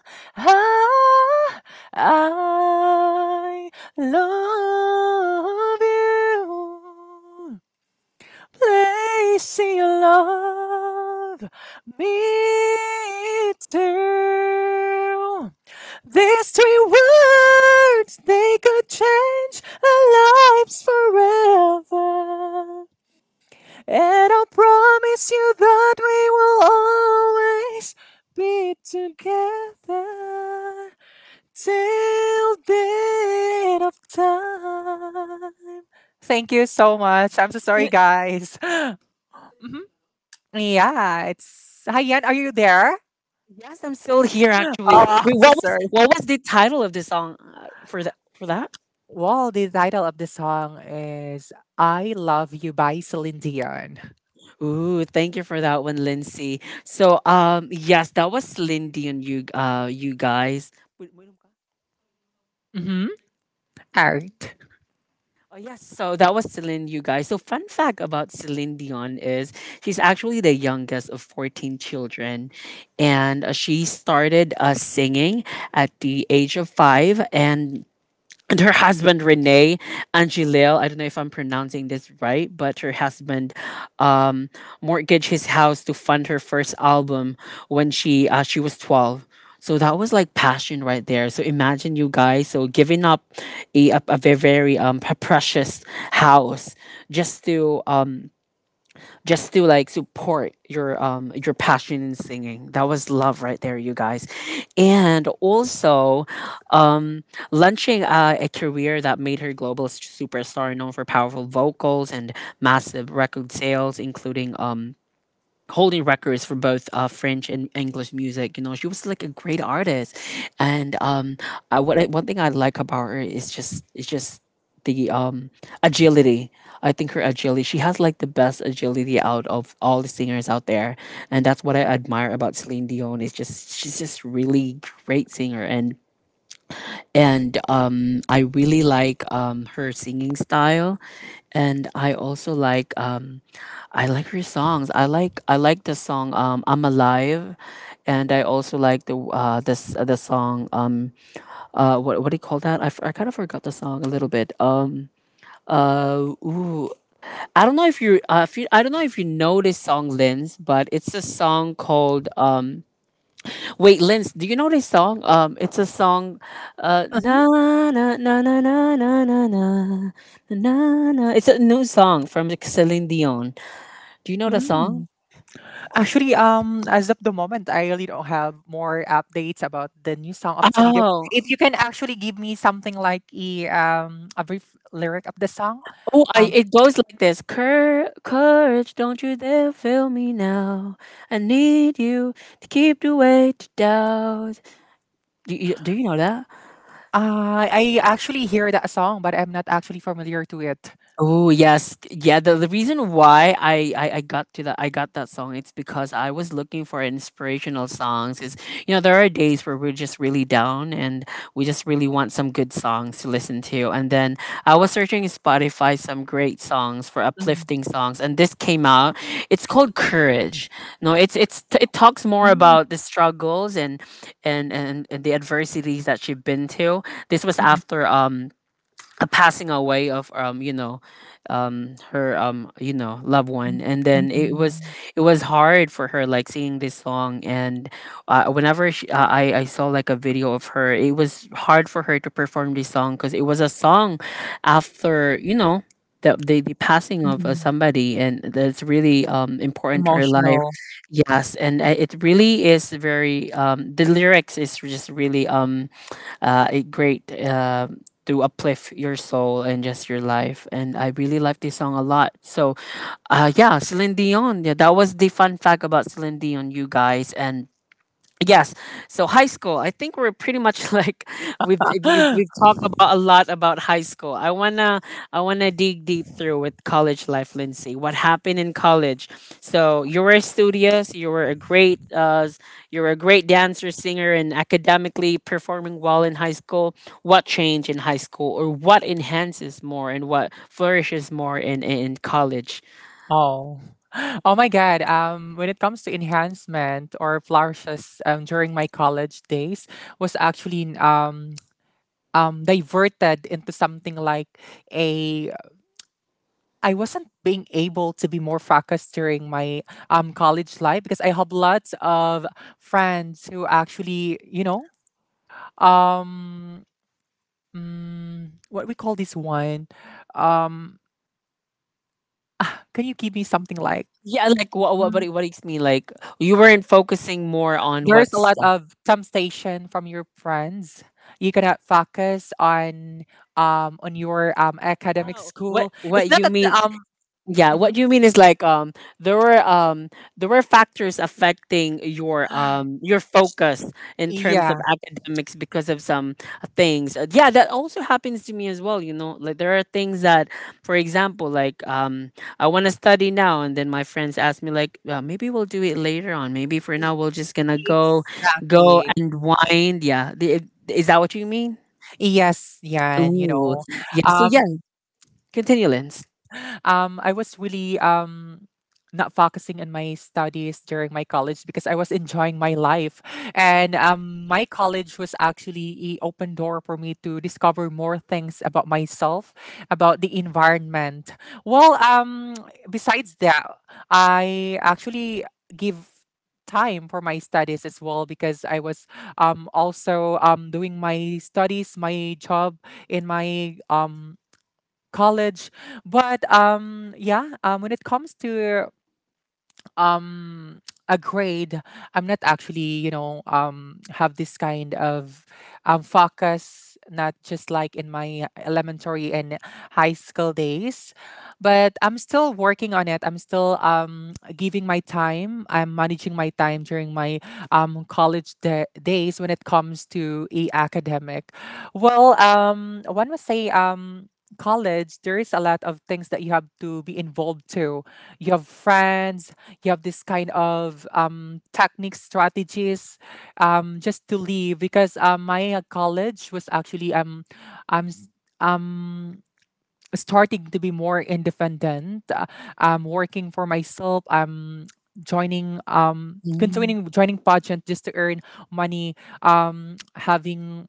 I love you place in your love me too. These three words they could change our lives forever, and I'll promise you that we will always be together till the end of time. Thank you so much. I'm so sorry,
after-
guys. Mhm. Yeah, it's Hi Yan, are you there?
Yes, I'm still here. Actually,
Oh,
wait.
so
What was
sorry.
what was the title of the song for that? For that?
Well, the title of the song is "I Love You" by Celine Dion.
Ooh, thank you for that one, Lindsay. So, yes, that was Lindy and you, you guys. Wait, wait, um,
Mm-hmm. Art.
Oh yes, so that was Celine, you guys. So fun fact about Celine Dion is she's actually the youngest of 14 children. And she started singing at the age of five. And her husband Renee Angelil. I don't know if I'm pronouncing this right, but her husband um, mortgaged his house to fund her first album when she was 12. So that was like passion right there. So imagine you guys, so giving up a very precious house just to um, just to like support your passion in singing. That was love right there, you guys. And also, um, launching a career that made her global s- superstar, known for powerful vocals and massive record sales, including holding records for both French and English music. You know, she was like a great artist, and one thing I like about her is just the agility. I think her agility. She has like the best agility out of all the singers out there, and that's what I admire about Celine Dion. Is just she's just really great singer, and I really like her singing style, and I also like I like her songs. I like the song "I'm Alive," and I also like the this the song what do you call that? I kind of forgot the song a little bit. Ooh, I don't know if you I don't know if you know this song, Linz, but it's a song called wait, Linz, do you know this song? It's a song, na
Mhm.
na na na na na na na na na. It's a new song from Celine Dion. Do you know the song?
Mm. Actually, as of the moment, I really don't have more updates about the new song of Celine Dion.
Oh,
If you can actually give me something like a brief lyric of the song. um,
it goes like this: Cour- Courage, don't you dare fail me now. I need you to keep the way to doubt. Do you know that?
I I actually hear that song, but I'm not actually familiar to it.
Oh yes, yeah. The reason why I got that song it's because I was looking for inspirational songs. Is you know there are days where we're just really down and we just really want some good songs to listen to. And then I was searching in Spotify some great songs for
Mm.
uplifting songs, and this came out. It's called Courage. No, it talks more
Mm,
about the struggles and and the adversities that you've been to. This was
mm,
after a passing away of her loved one, and
mm,
then it was
mm,
it was hard for her like singing this song, and whenever she, I saw like a video of her, it was hard for her to perform this song because it was a song after you know the passing
mm,
of
mm.
somebody, and that's really important to her life.
Emotional.
Yes, and it really is very the lyrics is just really a great to uplift your soul and just your life. And I really like this song a lot. So, yeah, Celine Dion. Yeah, that was the fun fact about Celine Dion, you guys. And yes. So high school, I think we're pretty much like we've talked about a lot about high school. I wanna dig deep through with college life, Lindsay. What happened in college? So you were studious, you were a you were a great dancer, singer, and academically performing well in high school. What changed in high school, or what enhances more, and what flourishes more in college?
Oh. Oh my God. When it comes to enhancement or flourishes during my college days was actually diverted into something like a, I wasn't being able to be more focused during my college life, because I have lots of friends who actually, you know, um what we call this one. Um, can you give me something like
Yeah, like
mm,
what do you mean? Like you weren't focusing more on
there's a
what's.
lot of temptation from your friends. You cannot focus on your academic
Oh,
school. It's
what
not
you
that the,
mean? Yeah,
mhm.
what you mean is like there were um there were factors affecting your focus in terms
Yeah,
of academics because of some things. Yeah, that also happens to me as well, you know. Like there are things that, for example, like I want to study now, and then my friends ask me like, well, maybe we'll do it later on. Maybe for now we'll just gonna
e-
go go
exactly.
and wind. Yeah. The, is that what you mean?
Yes, yeah, and you
Ooh.
know.
Yeah, so
um
yeah, continue, Lens.
I was really, not focusing on my studies during my college because I was enjoying my life. And my college was actually a open door for me to discover more things about myself, about the environment. Well, besides that, I actually give time for my studies as well, because I was also doing my studies, my job in my college. But yeah, when it comes to um a grade, I'm not actually, you know, have this kind of focus, not just like in my elementary and high school days, but I'm still working on it. I'm still giving my time. I'm managing my time during my days when it comes to a academic. Well, one would say, college, there is a lot of things that you have to be involved to. You have friends. You have this kind of technique strategies, just to leave, because my college was actually I'm s- um, starting to be more independent. I'm working for myself. I'm joining, continuing joining pageant just to earn money. Having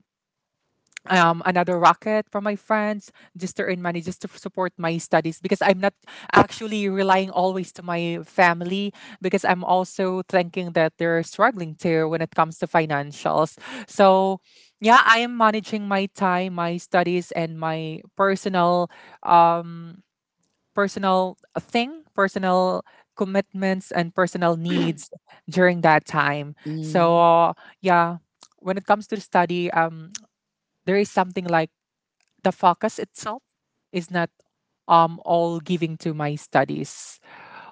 another racket from my friends just to earn money just to support my studies, because I'm not actually relying always to my family, because I'm also thinking that they're struggling too when it comes to financials. So yeah, I am managing my time, my studies, and my personal um personal thing, personal commitments, and personal needs during that time.
Mm.
So yeah, when it comes to the study, there is something like the focus itself is not all giving to my studies.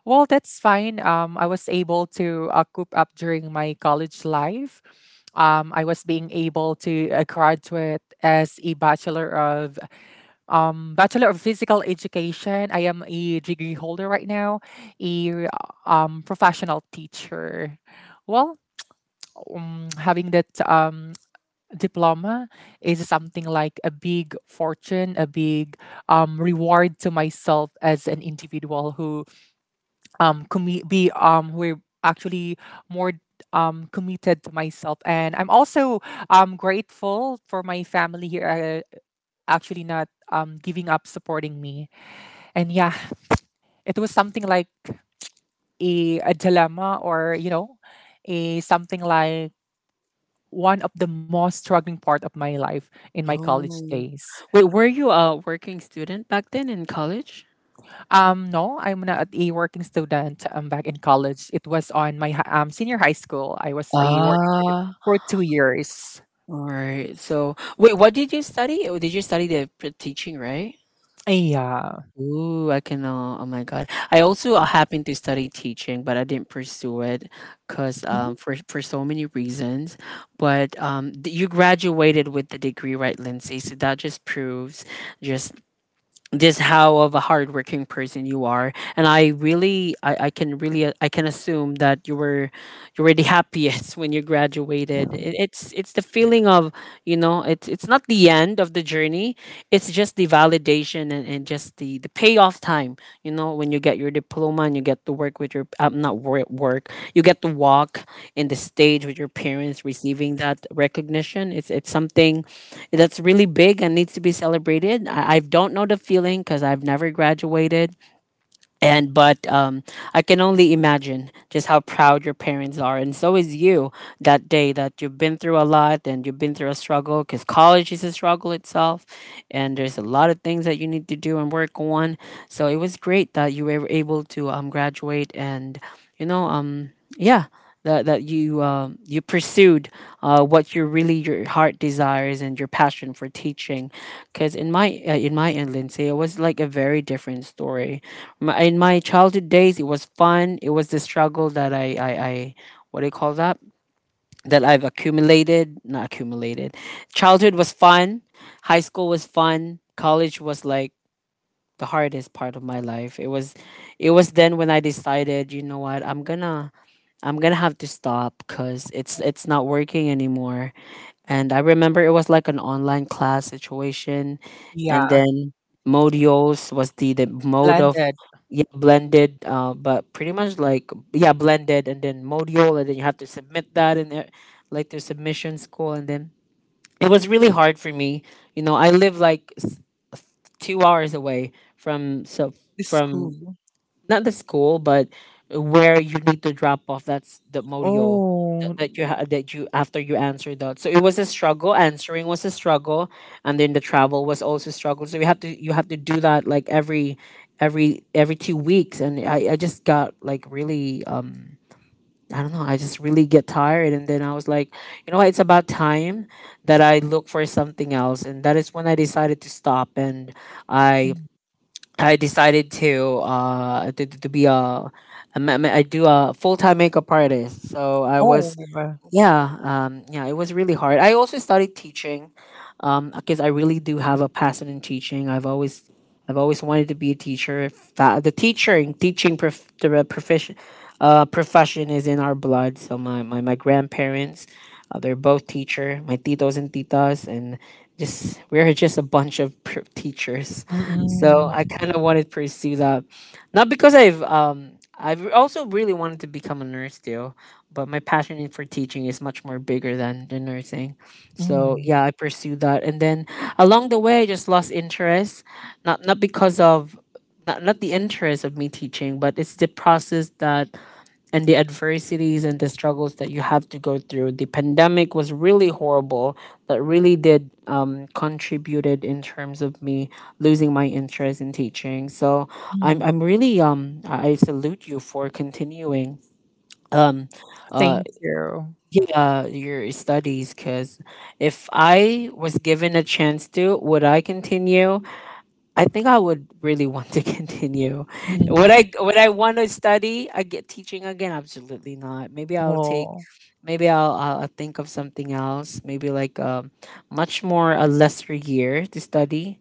Well, that's fine. I was able to coop up during my college life. I was being able to graduate as a bachelor of physical education. I am a degree holder right now, a professional teacher. Well, having that diploma is something like a big fortune, a big reward to myself as an individual who commi- be who actually more committed to myself. And I'm also grateful for my family here, actually not giving up supporting me. And yeah, it was something like a dilemma, or, you know, a something like one of the most struggling part of my life in my college
Oh.
days.
Wait, were you a working student back then in college?
No, I'm not a working student. I'm back in college. It was on my senior high school. I was a working student
Ah,
for 2 years.
all right. So, wait, what did you study? Oh, did you study the pr- teaching, right?
Yeah.
Ooh, I can. Oh my God, I also happened to study teaching, but I didn't pursue it, cause
Mhm.
for so many reasons. But you graduated with the degree, right, Lindsay? So that just proves just this how of a hardworking person you are, and I can really I can assume that you were the happiest when you graduated, it, it's the feeling of, you know, it's not the end of the journey, it's just the validation, and just the payoff time, you know, when you get your diploma and you get to work with your not work work, you get to walk in the stage with your parents receiving that recognition. It's something that's really big and needs to be celebrated. I don't know the feeling because I've never graduated, and but I can only imagine just how proud your parents are, and so is you, that day, that you've been through a lot and you've been through a struggle because college is a struggle itself, and there's a lot of things that you need to do and work on. So it was great that you were able to graduate, and you know yeah, that you you pursued what your really your heart desires and your passion for teaching. Because in my end, Lindsay, it was like a very different story. My, in my childhood days, it was fun. It was the struggle that I, what do you call that? That I've accumulated, not accumulated. Childhood was fun. High school was fun. College was like the hardest part of my life. It was then when I decided, you know what, I'm gonna have to stop because it's not working anymore. And I remember it was like an online class situation, and
Yeah.
then Modios was the mode of,
Blended.
yeah, blended, but pretty much like yeah blended, and then Modial, and then you have to submit that in, there- like the submission school, and then it was really hard for me. You know, I live like s- 2 hours away from so
The
from,
school.
not the school, but where you need to drop off. That's the module that,
Oh.
that you ha- that you after you answer that. So it was a struggle. Answering was a struggle, and then the travel was also a struggle. So you have to do that like every 2 weeks. And I just got like really I don't know. I just really get tired, and then I was like, you know what? It's about time that I look for something else, and that is when I decided to stop, and
Mm.
I I decided to to be a I do a full time makeup artist. So I
Oh.
was, yeah yeah, it was really hard. I also started teaching because I really do have a passion in teaching. I've always wanted to be a teacher. If that- The teaching teaching prof, the profession profession is in our blood. So my grandparents, they're both teacher. My titos and titas, and just we're just a bunch of pr- teachers. So
Mm-mm.
I kind of wanted to pursue that, not because I've also really wanted to become a nurse too, but my passion in- for teaching is much more bigger than the nursing. So
Mm.
yeah, I pursued that, and then along the way, I just lost interest. Not because of not, not the interest of me teaching, but it's the process that and the adversities and the struggles that you have to go through. The pandemic was really horrible. That really did contributed in terms of me losing my interest in teaching. So I'm
Mm.
I'm really I salute you for continuing uh
Thank you.
yeah, your studies. Because if I was given a chance to, would I continue? I think I would really want to continue.
Mm.
Would I want to study I get teaching again? Absolutely not. Maybe I'll take
Well.
maybe I'll think of something else. Maybe like a much more a lesser year to study,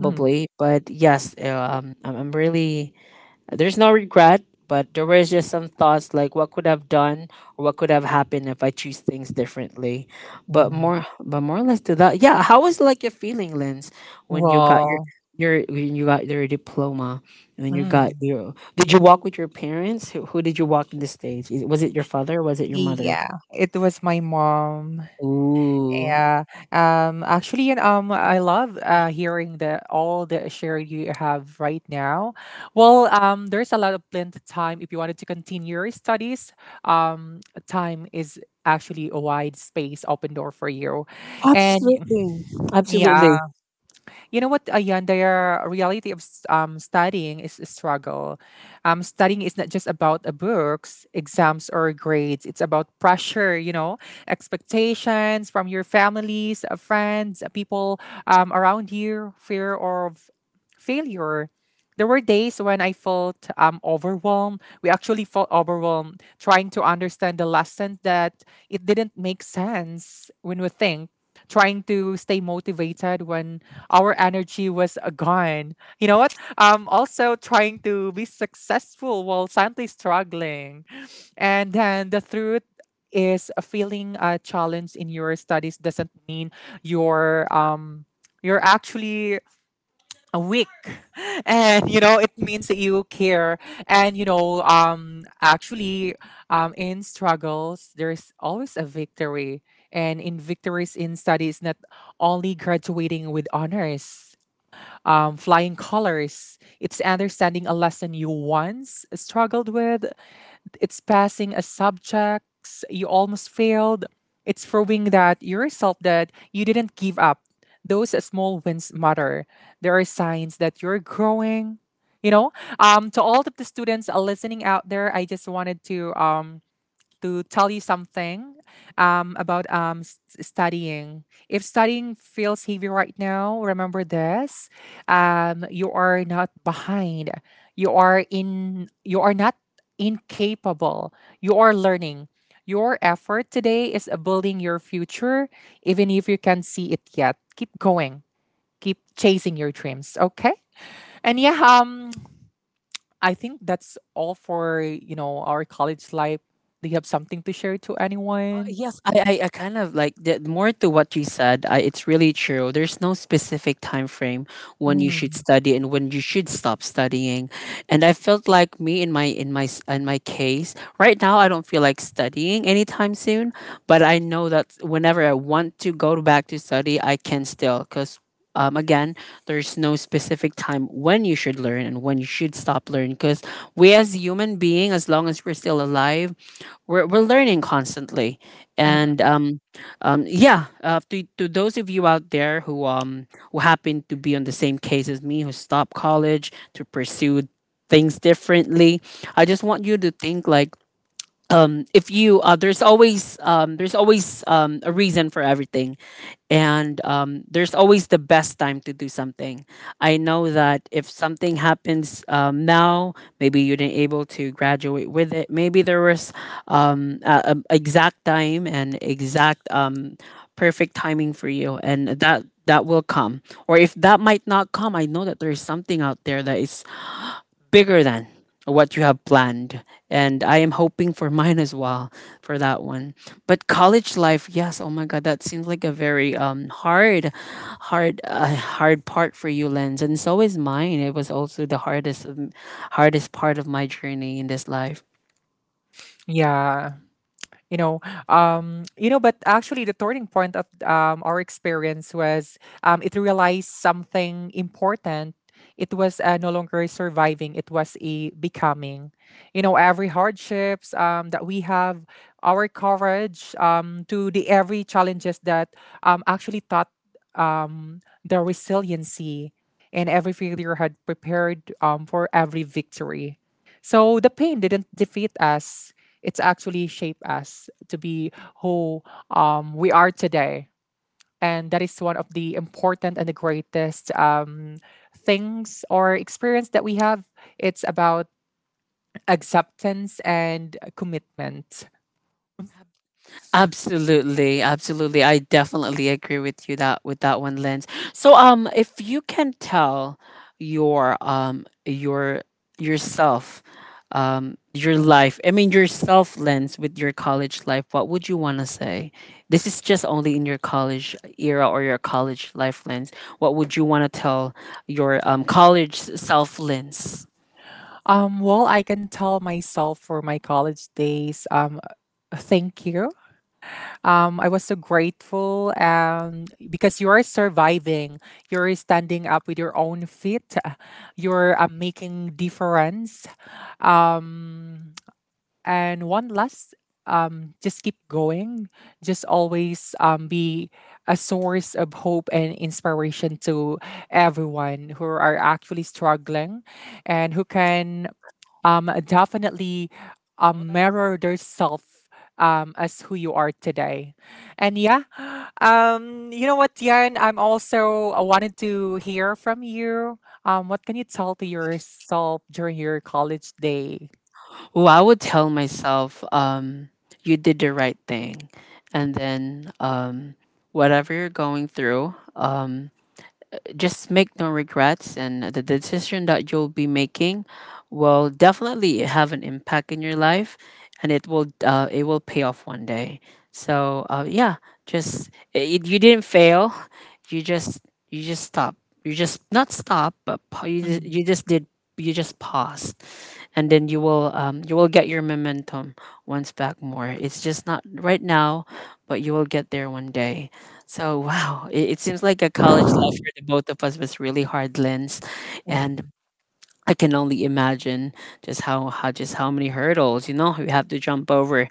Mm.
But yes, I'm really, there's no regret, but there was just some thoughts like what could have done, or what could have happened if I choose things differently.
Mm.
But more or less to that, yeah. How was like your feeling, Lens, when you got your
Well.
when you got your diploma? When you got
Mm.
your, did you walk with your parents? Who did you walk in the stage? Was it your father or was it your mother?
Yeah. It was my mom.
Ooh.
Yeah. Actually, and I love hearing the all the share you have right now. Well, there's a lot of plenty time if you wanted to continue your studies. Um, Time is actually a wide space, open door for you. And
Absolutely. Absolutely.
yeah, you know what, ayan, the reality of studying is a struggle. Studying is not just about books, exams, or grades. It's about pressure, you know, expectations from your families, friends, people around you, fear of failure. There were days when I felt overwhelmed. We actually felt overwhelmed trying to understand the lesson that it didn't make sense when we think, trying to stay motivated when our energy was gone. You know what? Also trying to be successful while silently struggling. And then the truth is, a feeling a challenge in your studies doesn't mean you're um you're actually a week and, you know, it means that you care. And you know, actually, in struggles there's always a victory. And in victories in studies, not only graduating with honors, flying colors, it's understanding a lesson you once struggled with. It's passing as subjects. You almost failed. It's proving that you yourself that you didn't give up. Those small wins matter. There are signs that you're growing. You know, to all of the students listening out there, I just wanted to tell you something about studying. If studying feels heavy right now, remember this: you are not behind. You are in. You are not incapable. You are learning. Your effort today is building your future, even if you can't see it yet. Keep going. Keep chasing your dreams. Okay. And yeah, I think that's all for, you know, our college life. Do you have something to share to anyone?
Yes, I kind of like more to what you said. I, it's really true. There's no specific time frame when you should
Mm,
study and when you should stop studying. And I felt like me in my case right now, I don't feel like studying anytime soon. But I know that whenever I want to go back to study, I can still, because, um, again, there's no specific time when you should learn and when you should stop learning, because we as human being, as long as we're still alive, we're learning constantly,
mm-mm.
and yeah, to those of you out there who happen to be on the same case as me, who stopped college to pursue things differently, I just want you to think like, if you there's always a reason for everything, and um, there's always the best time to do something. I know that if something happens now, maybe you didn't able to graduate with it. Maybe there was a exact time and exact um, perfect timing for you, and that will come. Or if that might not come, I know that there's something out there that is bigger than what you have planned. And I am hoping for mine as well for that one. But college life, yes, oh my God, that seems like a very hard, hard part for you, Lens. And so is mine. It was also the hardest, hardest part of my journey in this life.
Yeah. You know, you know, but actually the turning point of our experience was, it realized something important. It was no longer surviving, it was a becoming. You know, every hardships that we have, our courage to the every challenges that actually taught the resiliency. And every failure had prepared for every victory. So the pain didn't defeat us, it's actually shaped us to be who we are today. And that is one of the important and the greatest things or experience that we have. It's about acceptance and commitment.
Absolutely, absolutely. I definitely agree with you that with that one, Lens. So, if you can tell your yourself, your life. I mean, yourself, Lens, with your college life. What would you want to say? This is just only in your college era or your college life, Lens. What would you want to tell your college self, Lens?
Well, I can tell myself for my college days, thank you. I was so grateful, and because you are surviving, you're standing up with your own feet, you're making difference. Um, and one last, just keep going. Just always be a source of hope and inspiration to everyone who are actually struggling and who can definitely mirror yourself as who you are today. And yeah, you know what, Yan? I'm also I wanted to hear from you. What can you tell to yourself during your college day?
Well, I would tell myself, you did the right thing. And then whatever you're going through, just make no regrets, and the decision that you'll be making will definitely have an impact in your life, and it will pay off one day. So yeah, just you didn't fail. You just you just stop you just not stop but pa- you
Mm,
just did you just paused, and then you will get your momentum once back more. It's just not right now, but you will get there one day. So wow, it seems like a college life for the both of us was really hard, Lens, and
mm.
I can only imagine just how many hurdles, you know, you have to jump over.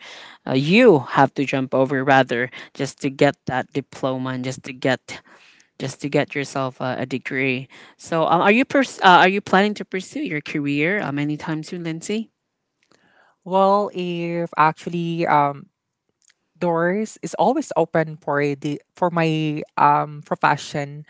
You have to jump over rather, just to get that diploma and just to get yourself a degree. So are you are you planning to pursue your career anytime soon, Lindsay?
Well, if actually doors is always open for the for my profession.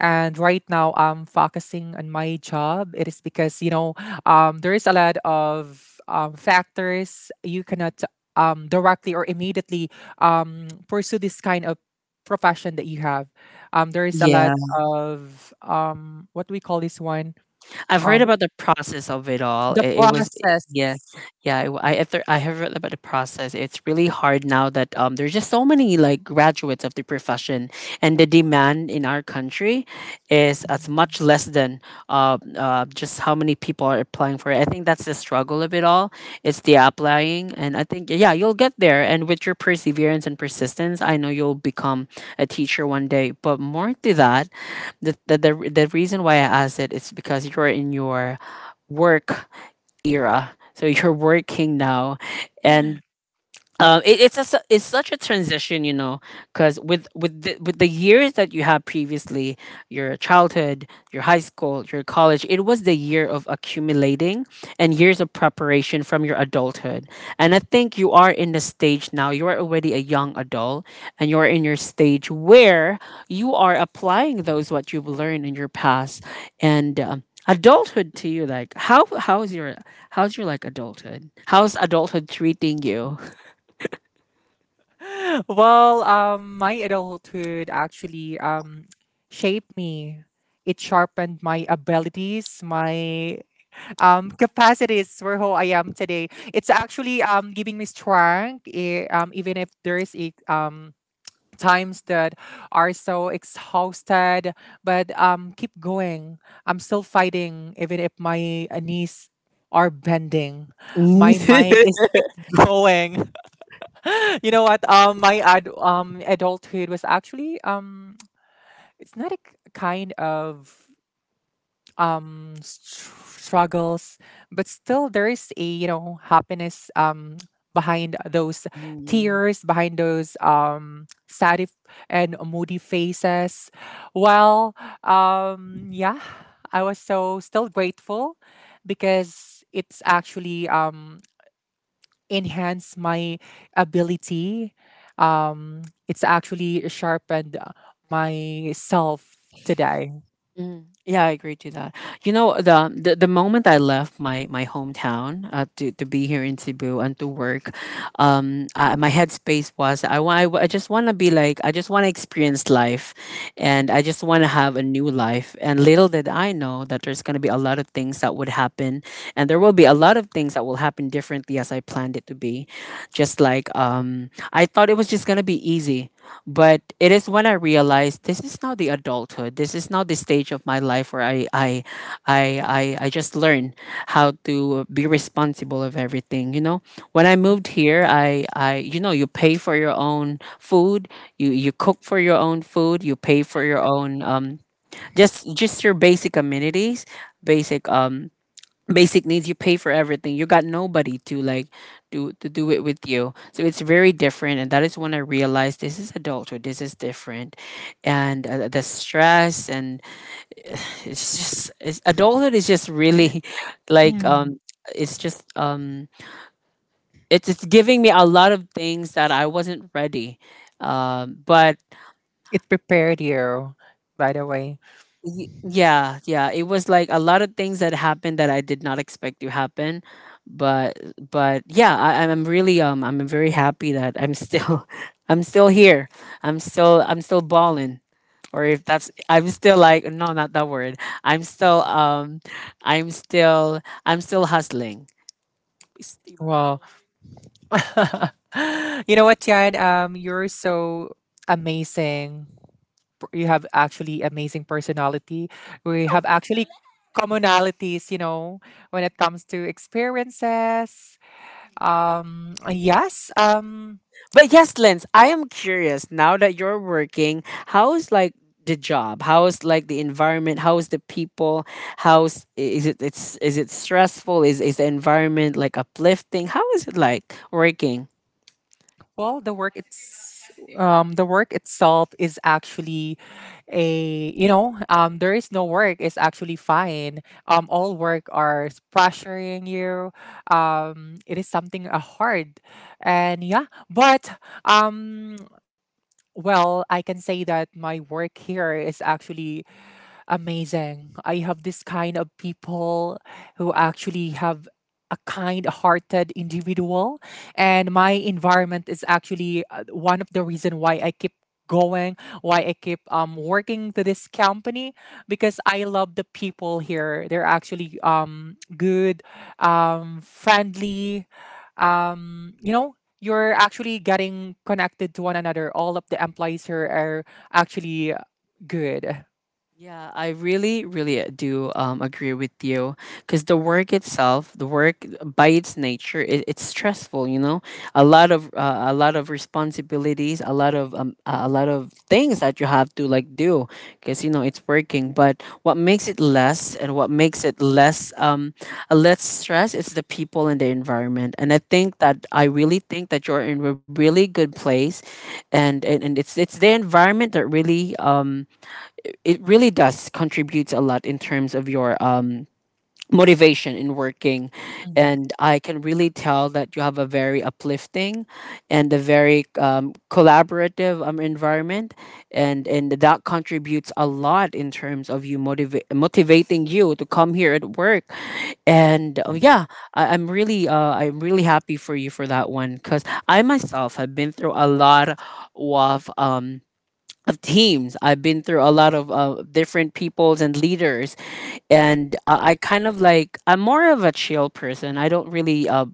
And right now I'm focusing on my job. It is because, you know, there is a lot of factors. You cannot directly or immediately pursue this kind of profession that you have. There is a lot of what do we call this one,
I've heard
um
about the process of it all.
the
It was yeah,
process.
yeah. I have read about the process. It's really hard now that there's just so many like graduates of the profession, and the demand in our country is as much less than just how many people are applying for it. I think that's the struggle of it all. It's the applying, and I think yeah, you'll get there. And with your perseverance and persistence, I know you'll become a teacher one day. But more to that, the reason why I asked it is because you're in your work era. So you're working now, and it's it's such a transition, you know, because with the years that you had previously, your childhood, your high school, your college, it was the year of accumulating and years of preparation from your adulthood. And I think you are in the stage now. You are already a young adult, and you are in your stage where you are applying those what you've learned in your past and. Adulthood to you, like how's your like adulthood, how's adulthood treating you?
Well, my adulthood actually shaped me. It sharpened my abilities, my capacities for who I am today. It's actually giving me strength, even if there's times that are so exhausted, but keep going. I'm still fighting, even if my knees are bending.
Mm.
My mind is keep going. You know what? Adulthood was actually it's not a kind of struggles, but still there is a, you know, happiness behind those
Mm.
tears, behind those sad if- and moody faces. Well, yeah, I was so still grateful because it's actually enhance my ability. It's actually sharpened myself today.
Mm, yeah, I agree to that. You know, the moment I left my hometown to be here in Cebu and to work, I, my headspace was I want I just want to be like, I just want to experience life, and I just want to have a new life. And little did I know that there's gonna be a lot of things that would happen, and there will be a lot of things that will happen differently as I planned it to be. Just like I thought it was just gonna be easy. But it is when I realized this is now the adulthood. This is now the stage of my life where I just learn how to be responsible of everything. You know, when I moved here, I you know, you pay for your own food. You cook for your own food. You pay for your own um, just your basic amenities, basic um, basic needs. You pay for everything. You got nobody to like do to do it with you, so it's very different. And that is when I realized this is adulthood, this is different. And the stress and it's just it's, adulthood is just really like um,
Mm.
it's just um, it's giving me a lot of things that I wasn't ready um, but
It prepared you, by the way.
Y- yeah, yeah, it was like a lot of things that happened that I did not expect to happen, but but yeah, I'm really um, I'm very happy that I'm still I'm still here. I'm still balling, or if that's I'm still like, no, not that word, I'm still um, i'm still I'm still hustling.
Well, you know what, Tian? You're so amazing. You have actually amazing personality. We have actually commonalities, you know, when it comes to experiences. Yes.
But yes, Lens, I am curious now that you're working, how's like the job? How's like the environment? How's the people? How's is it it's is it stressful? Is the environment like uplifting? How is it like working?
Well, the work it's the work itself is actually a, you know, there is no work, it's actually fine. All work are pressuring you. It is something hard, and yeah. But um, well, I can say that my work here is actually amazing. I have this kind of people who actually have a kind-hearted individual, and my environment is actually one of the reason why I keep going, why I keep working to this company because I love the people here. They're actually good, friendly, um you know, you're actually getting connected to one another. All of the employees here are actually good.
Yeah, I really, really do agree with you, because the work itself, the work by its nature, it's stressful. You know, a lot of responsibilities, a lot of things that you have to like do, because you know it's working. But what makes it less, and what makes it less um, less stress is the people and the environment. And I think that I really think that you're in a really good place, and and it's the environment that really um, it really does contribute a lot in terms of your um, motivation in working. And I can really tell that you have a very uplifting and a very collaborative environment, and that contributes a lot in terms of you motivating you to come here at work. And yeah, I'm really I'm really happy for you for that one, because I myself have been through a lot of um, of teams. I've been through a lot of different peoples and leaders, and I kind of like, I'm more of a chill person. I don't really,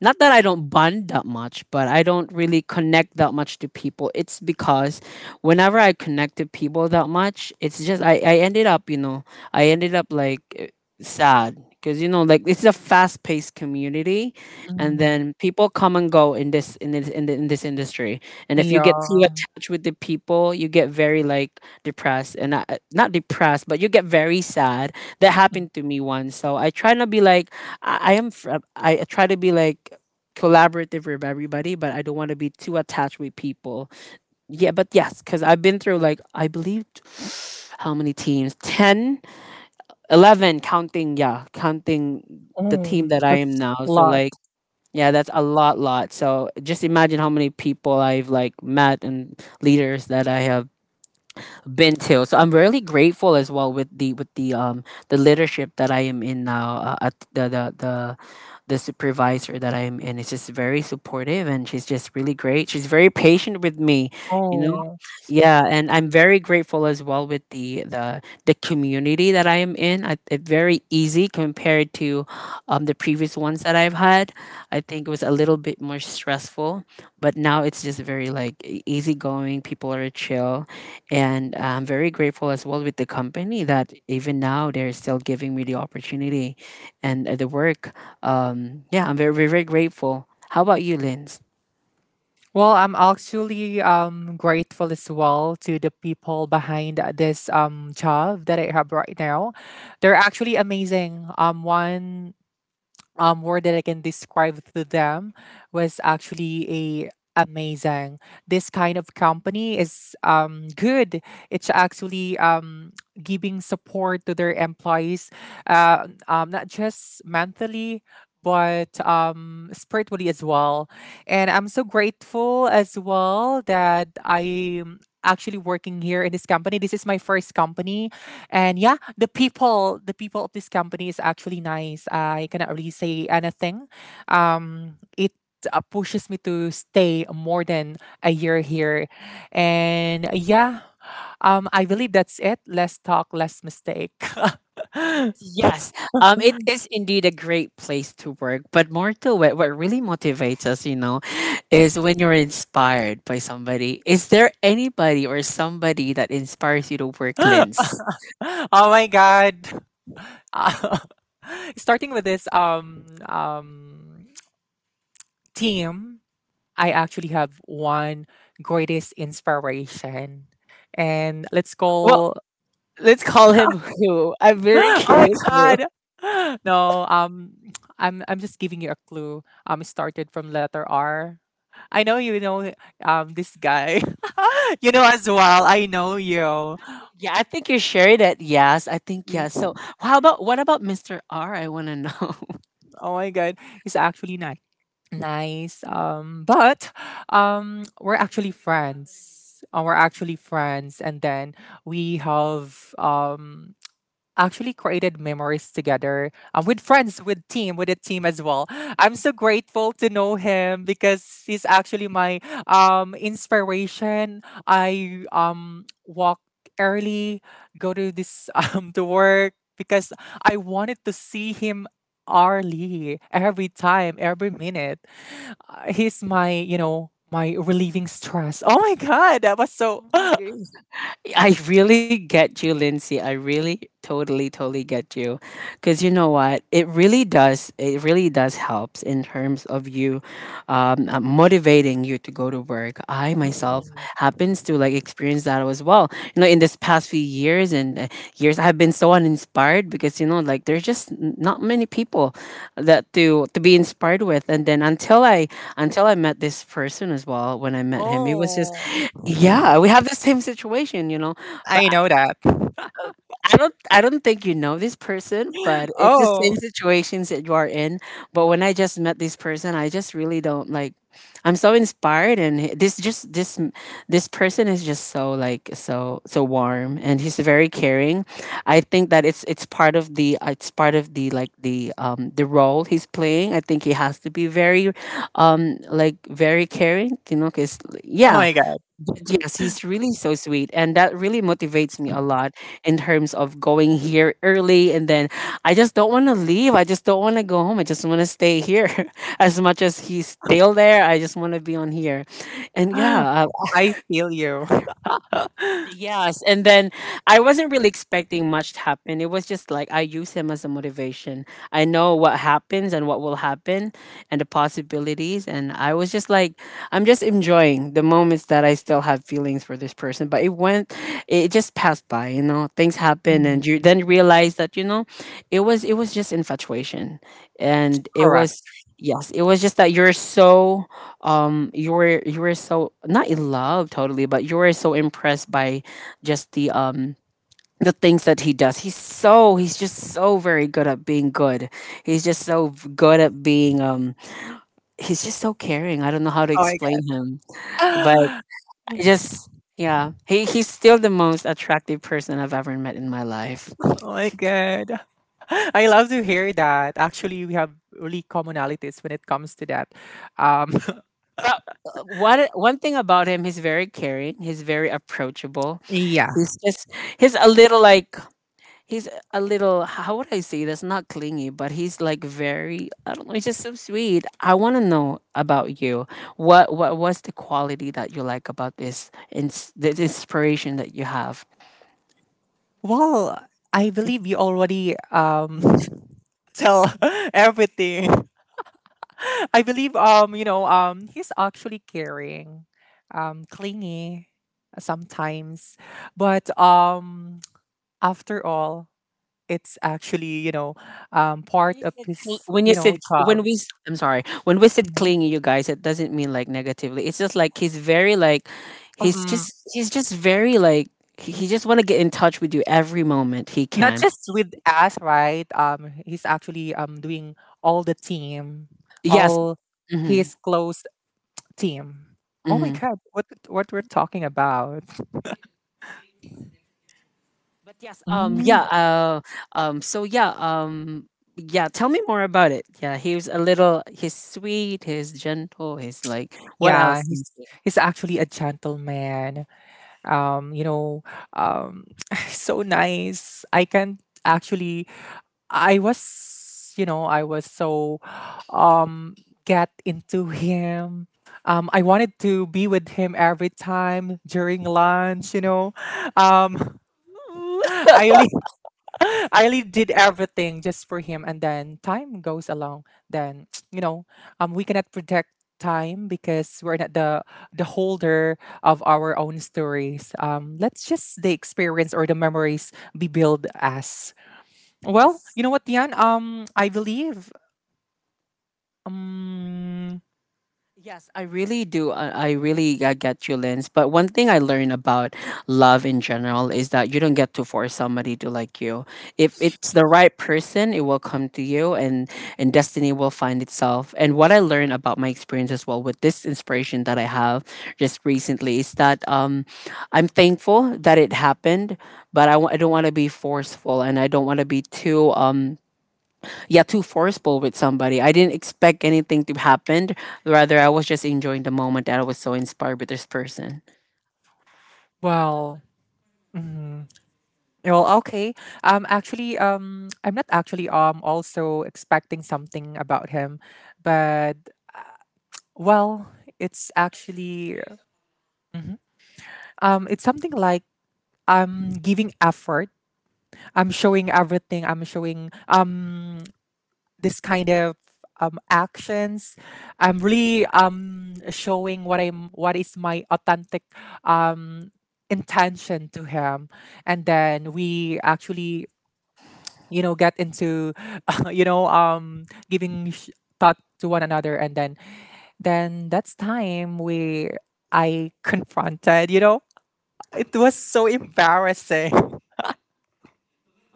not that I don't bond that much, but I don't really connect that much to people. It's because whenever I connect to people that much, it's just I ended up, you know, I ended up like eh, sad. 'Cause you know, like it's a fast-paced community, and
Mm,
then people come and go in this industry. And if you get too
yeah.
attached with the people you get very like depressed and not, not depressed but you get very sad. That
Mm.
happened to me once, so I try not be like I I try to be like collaborative with everybody, but I don't want to be too attached with people. Yeah, but yes, because I've been through like I how many teams? 10, 11, counting, yeah, counting the team
Oh,
that I am
that's
now.
a
So
lot.
like yeah, that's a lot, So just imagine how many people I've like met and leaders that I have been to. So I'm really grateful as well with the leadership that I am in now, at the supervisor that I am in is just very supportive and she's just really great. She's very patient with me, you know.
Oh.
Yeah, and I'm very grateful as well with the community that I am in. It's very easy compared to the previous ones that I've had. I think it was a little bit more stressful, but now it's just very like easygoing. People are chill, and I'm very grateful as well with the company that even now they're still giving me the opportunity and the work. Yeah, I'm very grateful. How about you, Linz?
Well, I'm actually grateful as well to the people behind this job that I have right now. They're actually amazing. One word that I can describe to them was actually a amazing. This kind of company is good. It's actually giving support to their employees, not just mentally, but spiritually as well, and I'm so grateful as well that I'm actually working here in this company. This is my first company and yeah, the people of this company is actually nice. I cannot really say anything. It pushes me to stay more than a year here. And yeah, I believe that's it. Less talk, less mistake.
Yes, it is indeed a great place to work. But more to it, what really motivates us, you know, is when you're inspired by somebody. Is there anybody or somebody that inspires you to work,
Oh
Lens?
my god. Uh, starting with this team, I actually have one greatest inspiration. And let's
Well,
call
let's call him who. I'm very
oh my
curious who.
god. No, I'm just giving you a clue. It started from letter R. I know you know this guy. You know as well. I know you.
Yeah, I think you shared it. Yes, I think
You-
yes. So, how about what about Mr. R? I want to know.
Oh my god. He's actually nice. Nice. But we're actually friends. We're actually friends and then we have actually created memories together, with friends, with team, with a team as well. I'm so grateful to know him because he's actually my inspiration. I walk early, go to this to work because I wanted to see him hourly, every time, every minute. He's my, you know, my relieving stress. Oh my god, that was so.
Oh, my goodness. I really get you, Lindsay. I really totally, totally get you. Because you know what? It really does helps in terms of you motivating you to go to work. I myself happens to like experience that as well. You know, in this past few years and years, I've been so uninspired because, you know, like there's just not many people that to be inspired with. And until I met this person as well. When I met him, he was just,
Oh,
yeah, we have the same situation, you know. But
I know that.
I don't think you know this person, but it's the same
Oh,
situations that you are in. But when I just met this person, I just really don't like, I'm so inspired, and this person is just so like so warm and he's very caring. I think that it's part of the it's part of the like the role he's playing. I think he has to be very like very caring, you know, cuz
oh
yeah,
my god.
but yes, he's really so sweet, and that really motivates me a lot in terms of going here early. And then I just don't want to leave. I just don't want to go home. I just want to stay here. As much as he's still there, I just want to be on here. And yeah,
I feel you.
yes, and then I wasn't really expecting much to happen. It was just like I use him as a motivation. I know what happens and what will happen and the possibilities, and I was just like, I'm just enjoying the moments that I still have feelings for this person, but it just passed by, you know. Things happen
Mhm.
and you then realize that, you know, it was just infatuation, and it
Correct.
was, yes, it was just that you're so you were so not in love totally, but you were so impressed by just the things that he does. He's just so very good at being good. He's just so good at being he's just so caring, I don't know how to
Oh my
explain him, but I
god.
just, yeah, he's still the most attractive person I've ever met in my life.
Oh my god. I love to hear that. Actually, we have really commonalities when it comes to that. Um,
Wha- but one thing about him, he's very caring. He's very approachable.
yeah.
He's just, he's a little like, he's a little, how would I say this, not clingy, but he's like very, I don't know, he's just so sweet. I want to know about you. What was the quality that you like about this this inspiration that you have?
Well, I believe you already tell everything. I believe he's actually caring, clingy sometimes, but after all it's actually you know
When
part
you
of
said cl-
his
when you
you know
said when
job.
we s- I'm sorry, when we said
Mhm.
clingy, you guys, it doesn't mean like negatively, it's just like he's very like, he's
Mm-mm.
just, he's just very like, he just want to get in touch with you every moment he
Not
can.
just with us right, he's actually doing all the team,
Yes,
all
hmm.
his close team. Oh my god, what we're talking about.
But yes,
Mm,
um, so yeah, um, yeah, tell me more about it. Yeah, he was a little, he's sweet, he's gentle, he's like, what
yeah
else is he?
he's actually a gentleman, um, you know um, so nice I can't actually I was, you know, I was so um get into him. I wanted to be with him every time during lunch, you know. Um, I really, I really did everything just for him, and then time goes along. Then you know, we cannot protect time because we're not the holder of our own stories. Let's just the experience or the memories be built as. Well,
Yes,
you know what, Diane? Um, I believe. Um,
yes, I really do. I really get you, Lens. But one thing I learned about love in general is that you don't get to force somebody to like you. If it's the right person, it will come to you, and destiny will find itself. And what I learned about my experience as well with this inspiration that I have just recently is that I'm thankful that it happened, but I don't want to be forceful, and I don't want to be too yeah, too forceful with somebody. I didn't expect anything to happen, rather I was just enjoying the moment that I was so inspired with this person.
well, mhm. Well, okay. Actually, I'm not actually also expecting something about him, but well, it's actually it's something like I'm giving effort. I'm showing everything. I'm showing this kind of actions. I'm really showing what I'm what is my authentic um, intention to him, and then we actually you know get into you know giving thought to one another, and then that's time we I confronted. You know, it was so embarrassing.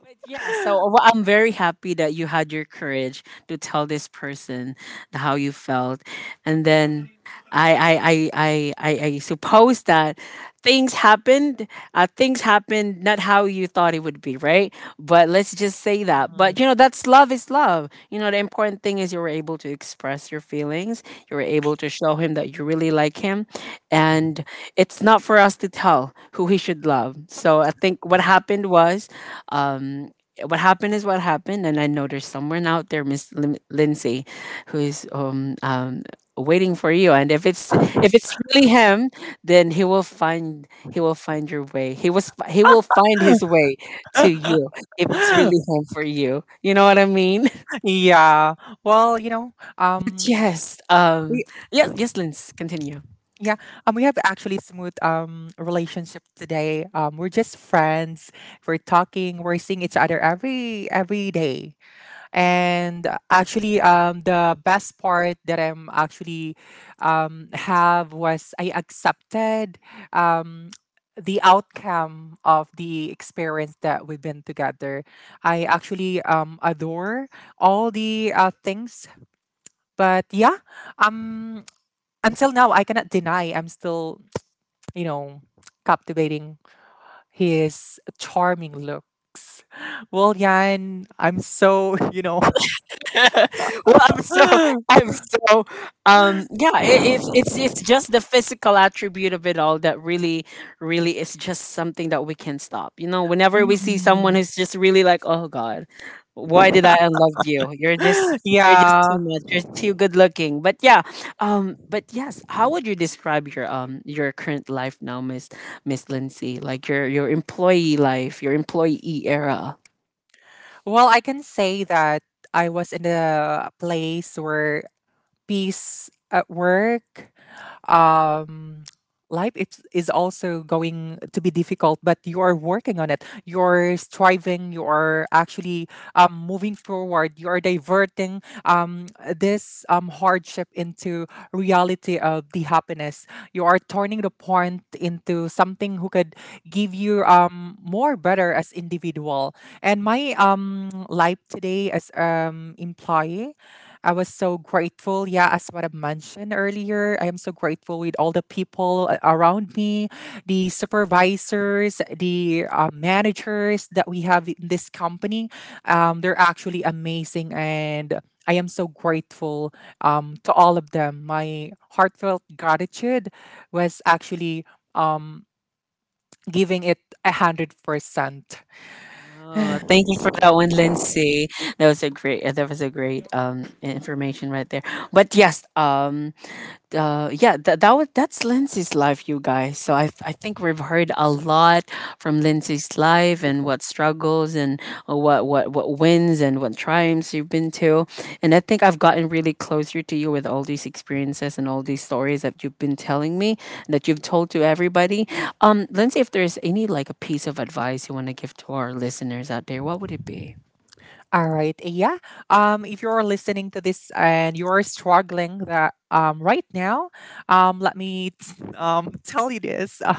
But yeah, I'm very happy that you had your courage to tell this person how you felt, and then I suppose that things happened. Things happened not how you thought it would be, right? But let's just say that.
Mm.
But you know, that's love is love. You know, the important thing is you were able to express your feelings. You were able to show him that you really like him, and it's not for us to tell who he should love. So I think what happened was, um, what happened is what happened. And I know there's someone out there, Miss Lindsay, who is waiting for you. And if it's really him, then he will find your way. He will find his way to you, if it's really him for you, you know what I mean?
yeah. Well, you know,
Yes,
we
yes, yes, Linz, continue.
yeah, we have actually smooth relationship today. We're just friends. We're talking. We're seeing each other every day. And actually, the best part that I'm actually have was I accepted um the outcome of the experience that we've been together. I actually adore all the things. But yeah, um until now I cannot deny I'm still, you know, captivating his charming looks. Well, Yan, I'm so, you know,
Well,
mm
I'm so, yeah. It's just the physical attribute of it all that really, really is just something that we can stop. You know, whenever we see someone who's just really like, oh God, why did I unlove you? You're just
yeah.
too much. You're too good looking. But yeah, but yes, how would you describe your current life now, Miss Lindsay? Like your employee life, your employee era.
Well, I can say that I was in a place where peace at work, um, life is also going to be difficult, but you are working on it. You're striving. You are actually moving forward. You are diverting this hardship into reality of the happiness. You are turning the point into something who could give you more better as individual. And my life today as employee I was so grateful. Yeah, as what I mentioned earlier, I am so grateful with all the people around me, the supervisors, the managers that we have in this company. They're actually amazing, and I am so grateful to all of them. My heartfelt gratitude was actually um, giving it 100%.
Oh, thank you for that one, Lindsay. That was a great information right there. But yes, yeah, that that was that's Lindsay's life, you guys. So I think we've heard a lot from Lindsay's life, and what struggles and what wins and what triumphs you've been to. And I think I've gotten really closer to you with all these experiences and all these stories that you've been telling me, that you've told to everybody. Lindsay, if there's any like a piece of advice you want to give to our listeners out there, what would it be?
All right. Yeah. If you're listening to this and you're struggling that right now, let me tell you this.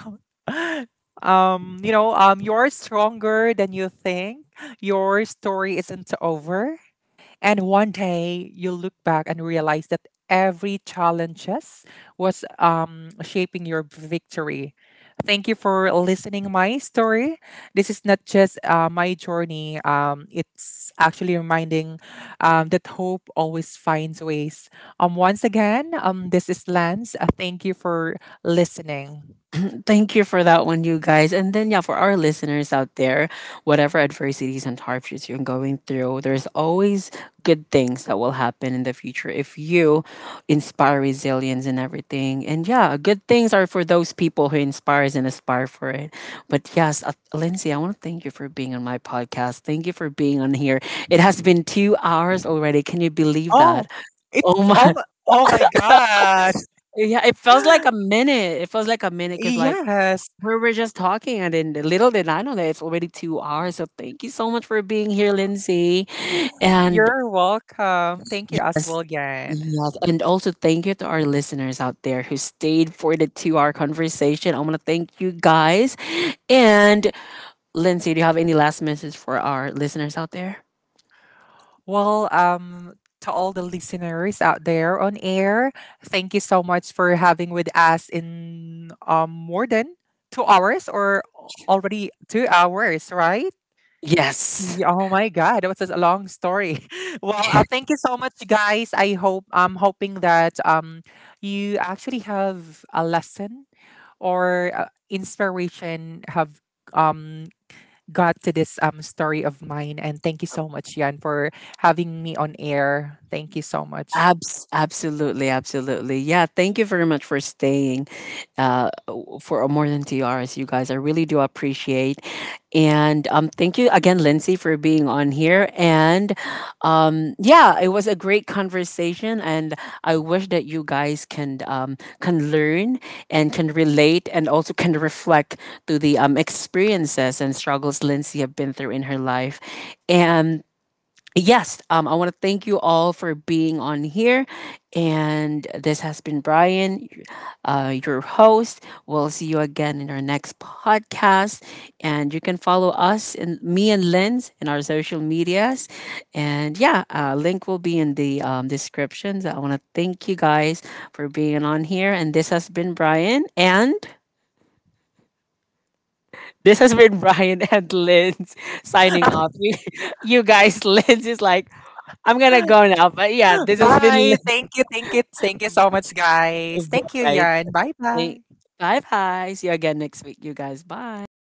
Um, you know, you're stronger than you think. Your story isn't over. And one day you look back and realize that every challenges was shaping your victory. Thank you for listening my story. This is not just my journey. It's actually reminding that hope always finds ways. Once again, this is Lance. Thank you for listening.
Thank you for that one, you guys. And then, yeah, for our listeners out there, whatever adversities and hardships you're going through, there's always good things that will happen in the future if you inspire resilience and everything. And yeah, good things are for those people who inspires and aspire for it. But yes, Lindsay, I want to thank you for being on my podcast. Thank you for being on here. It has been 2 hours already. Can you believe
Oh,
that?
it's
Oh my,
oh my god.
yeah, it feels like a minute. It feels like a minute because, like,
Yes.
we were just talking, and then little did I know that it's already 2 hours. So thank you so much for being here, Lindsay. And
You're welcome. Thank you,
yes,
Oswald, again.
yes, and also thank you to our listeners out there who stayed for the two-hour conversation. I want to thank you guys. And Lindsay, do you have any last message for our listeners out there?
Well, to all the listeners out there on air, thank you so much for having with us in more than 2 hours or already 2 hours, right?
Yes.
Yeah, oh my God, that was a long story. Well, thank you so much, you guys. I hope I'm hoping that you actually have a lesson or inspiration have um got to this story of mine. And thank you so much, Yan, for having me on air. Thank you so much.
Absolutely, absolutely. Yeah, thank you very much for staying for more than 2 hours, you guys. I really do appreciate. And thank you again, Lindsay, for being on here. And yeah, it was a great conversation. And I wish that you guys can learn and can relate and also can reflect to the experiences and struggles Lindsay have been through in her life. And yes, I want to thank you all for being on here. And this has been Brian, your host. We'll see you again in our next podcast. And you can follow us and me and Lynn's in our social medias. And yeah, link will be in the descriptions. I want to thank you guys for being on here. And This has been Brian and Linz signing off. You guys, Linz is like, I'm gonna go now. But yeah, this has been
Bye.
Linz.
Thank you. Thank you. Thank you so much, guys. Thank you,
Right.
Yan. Bye bye.
Bye bye. See you again next week, you guys. Bye.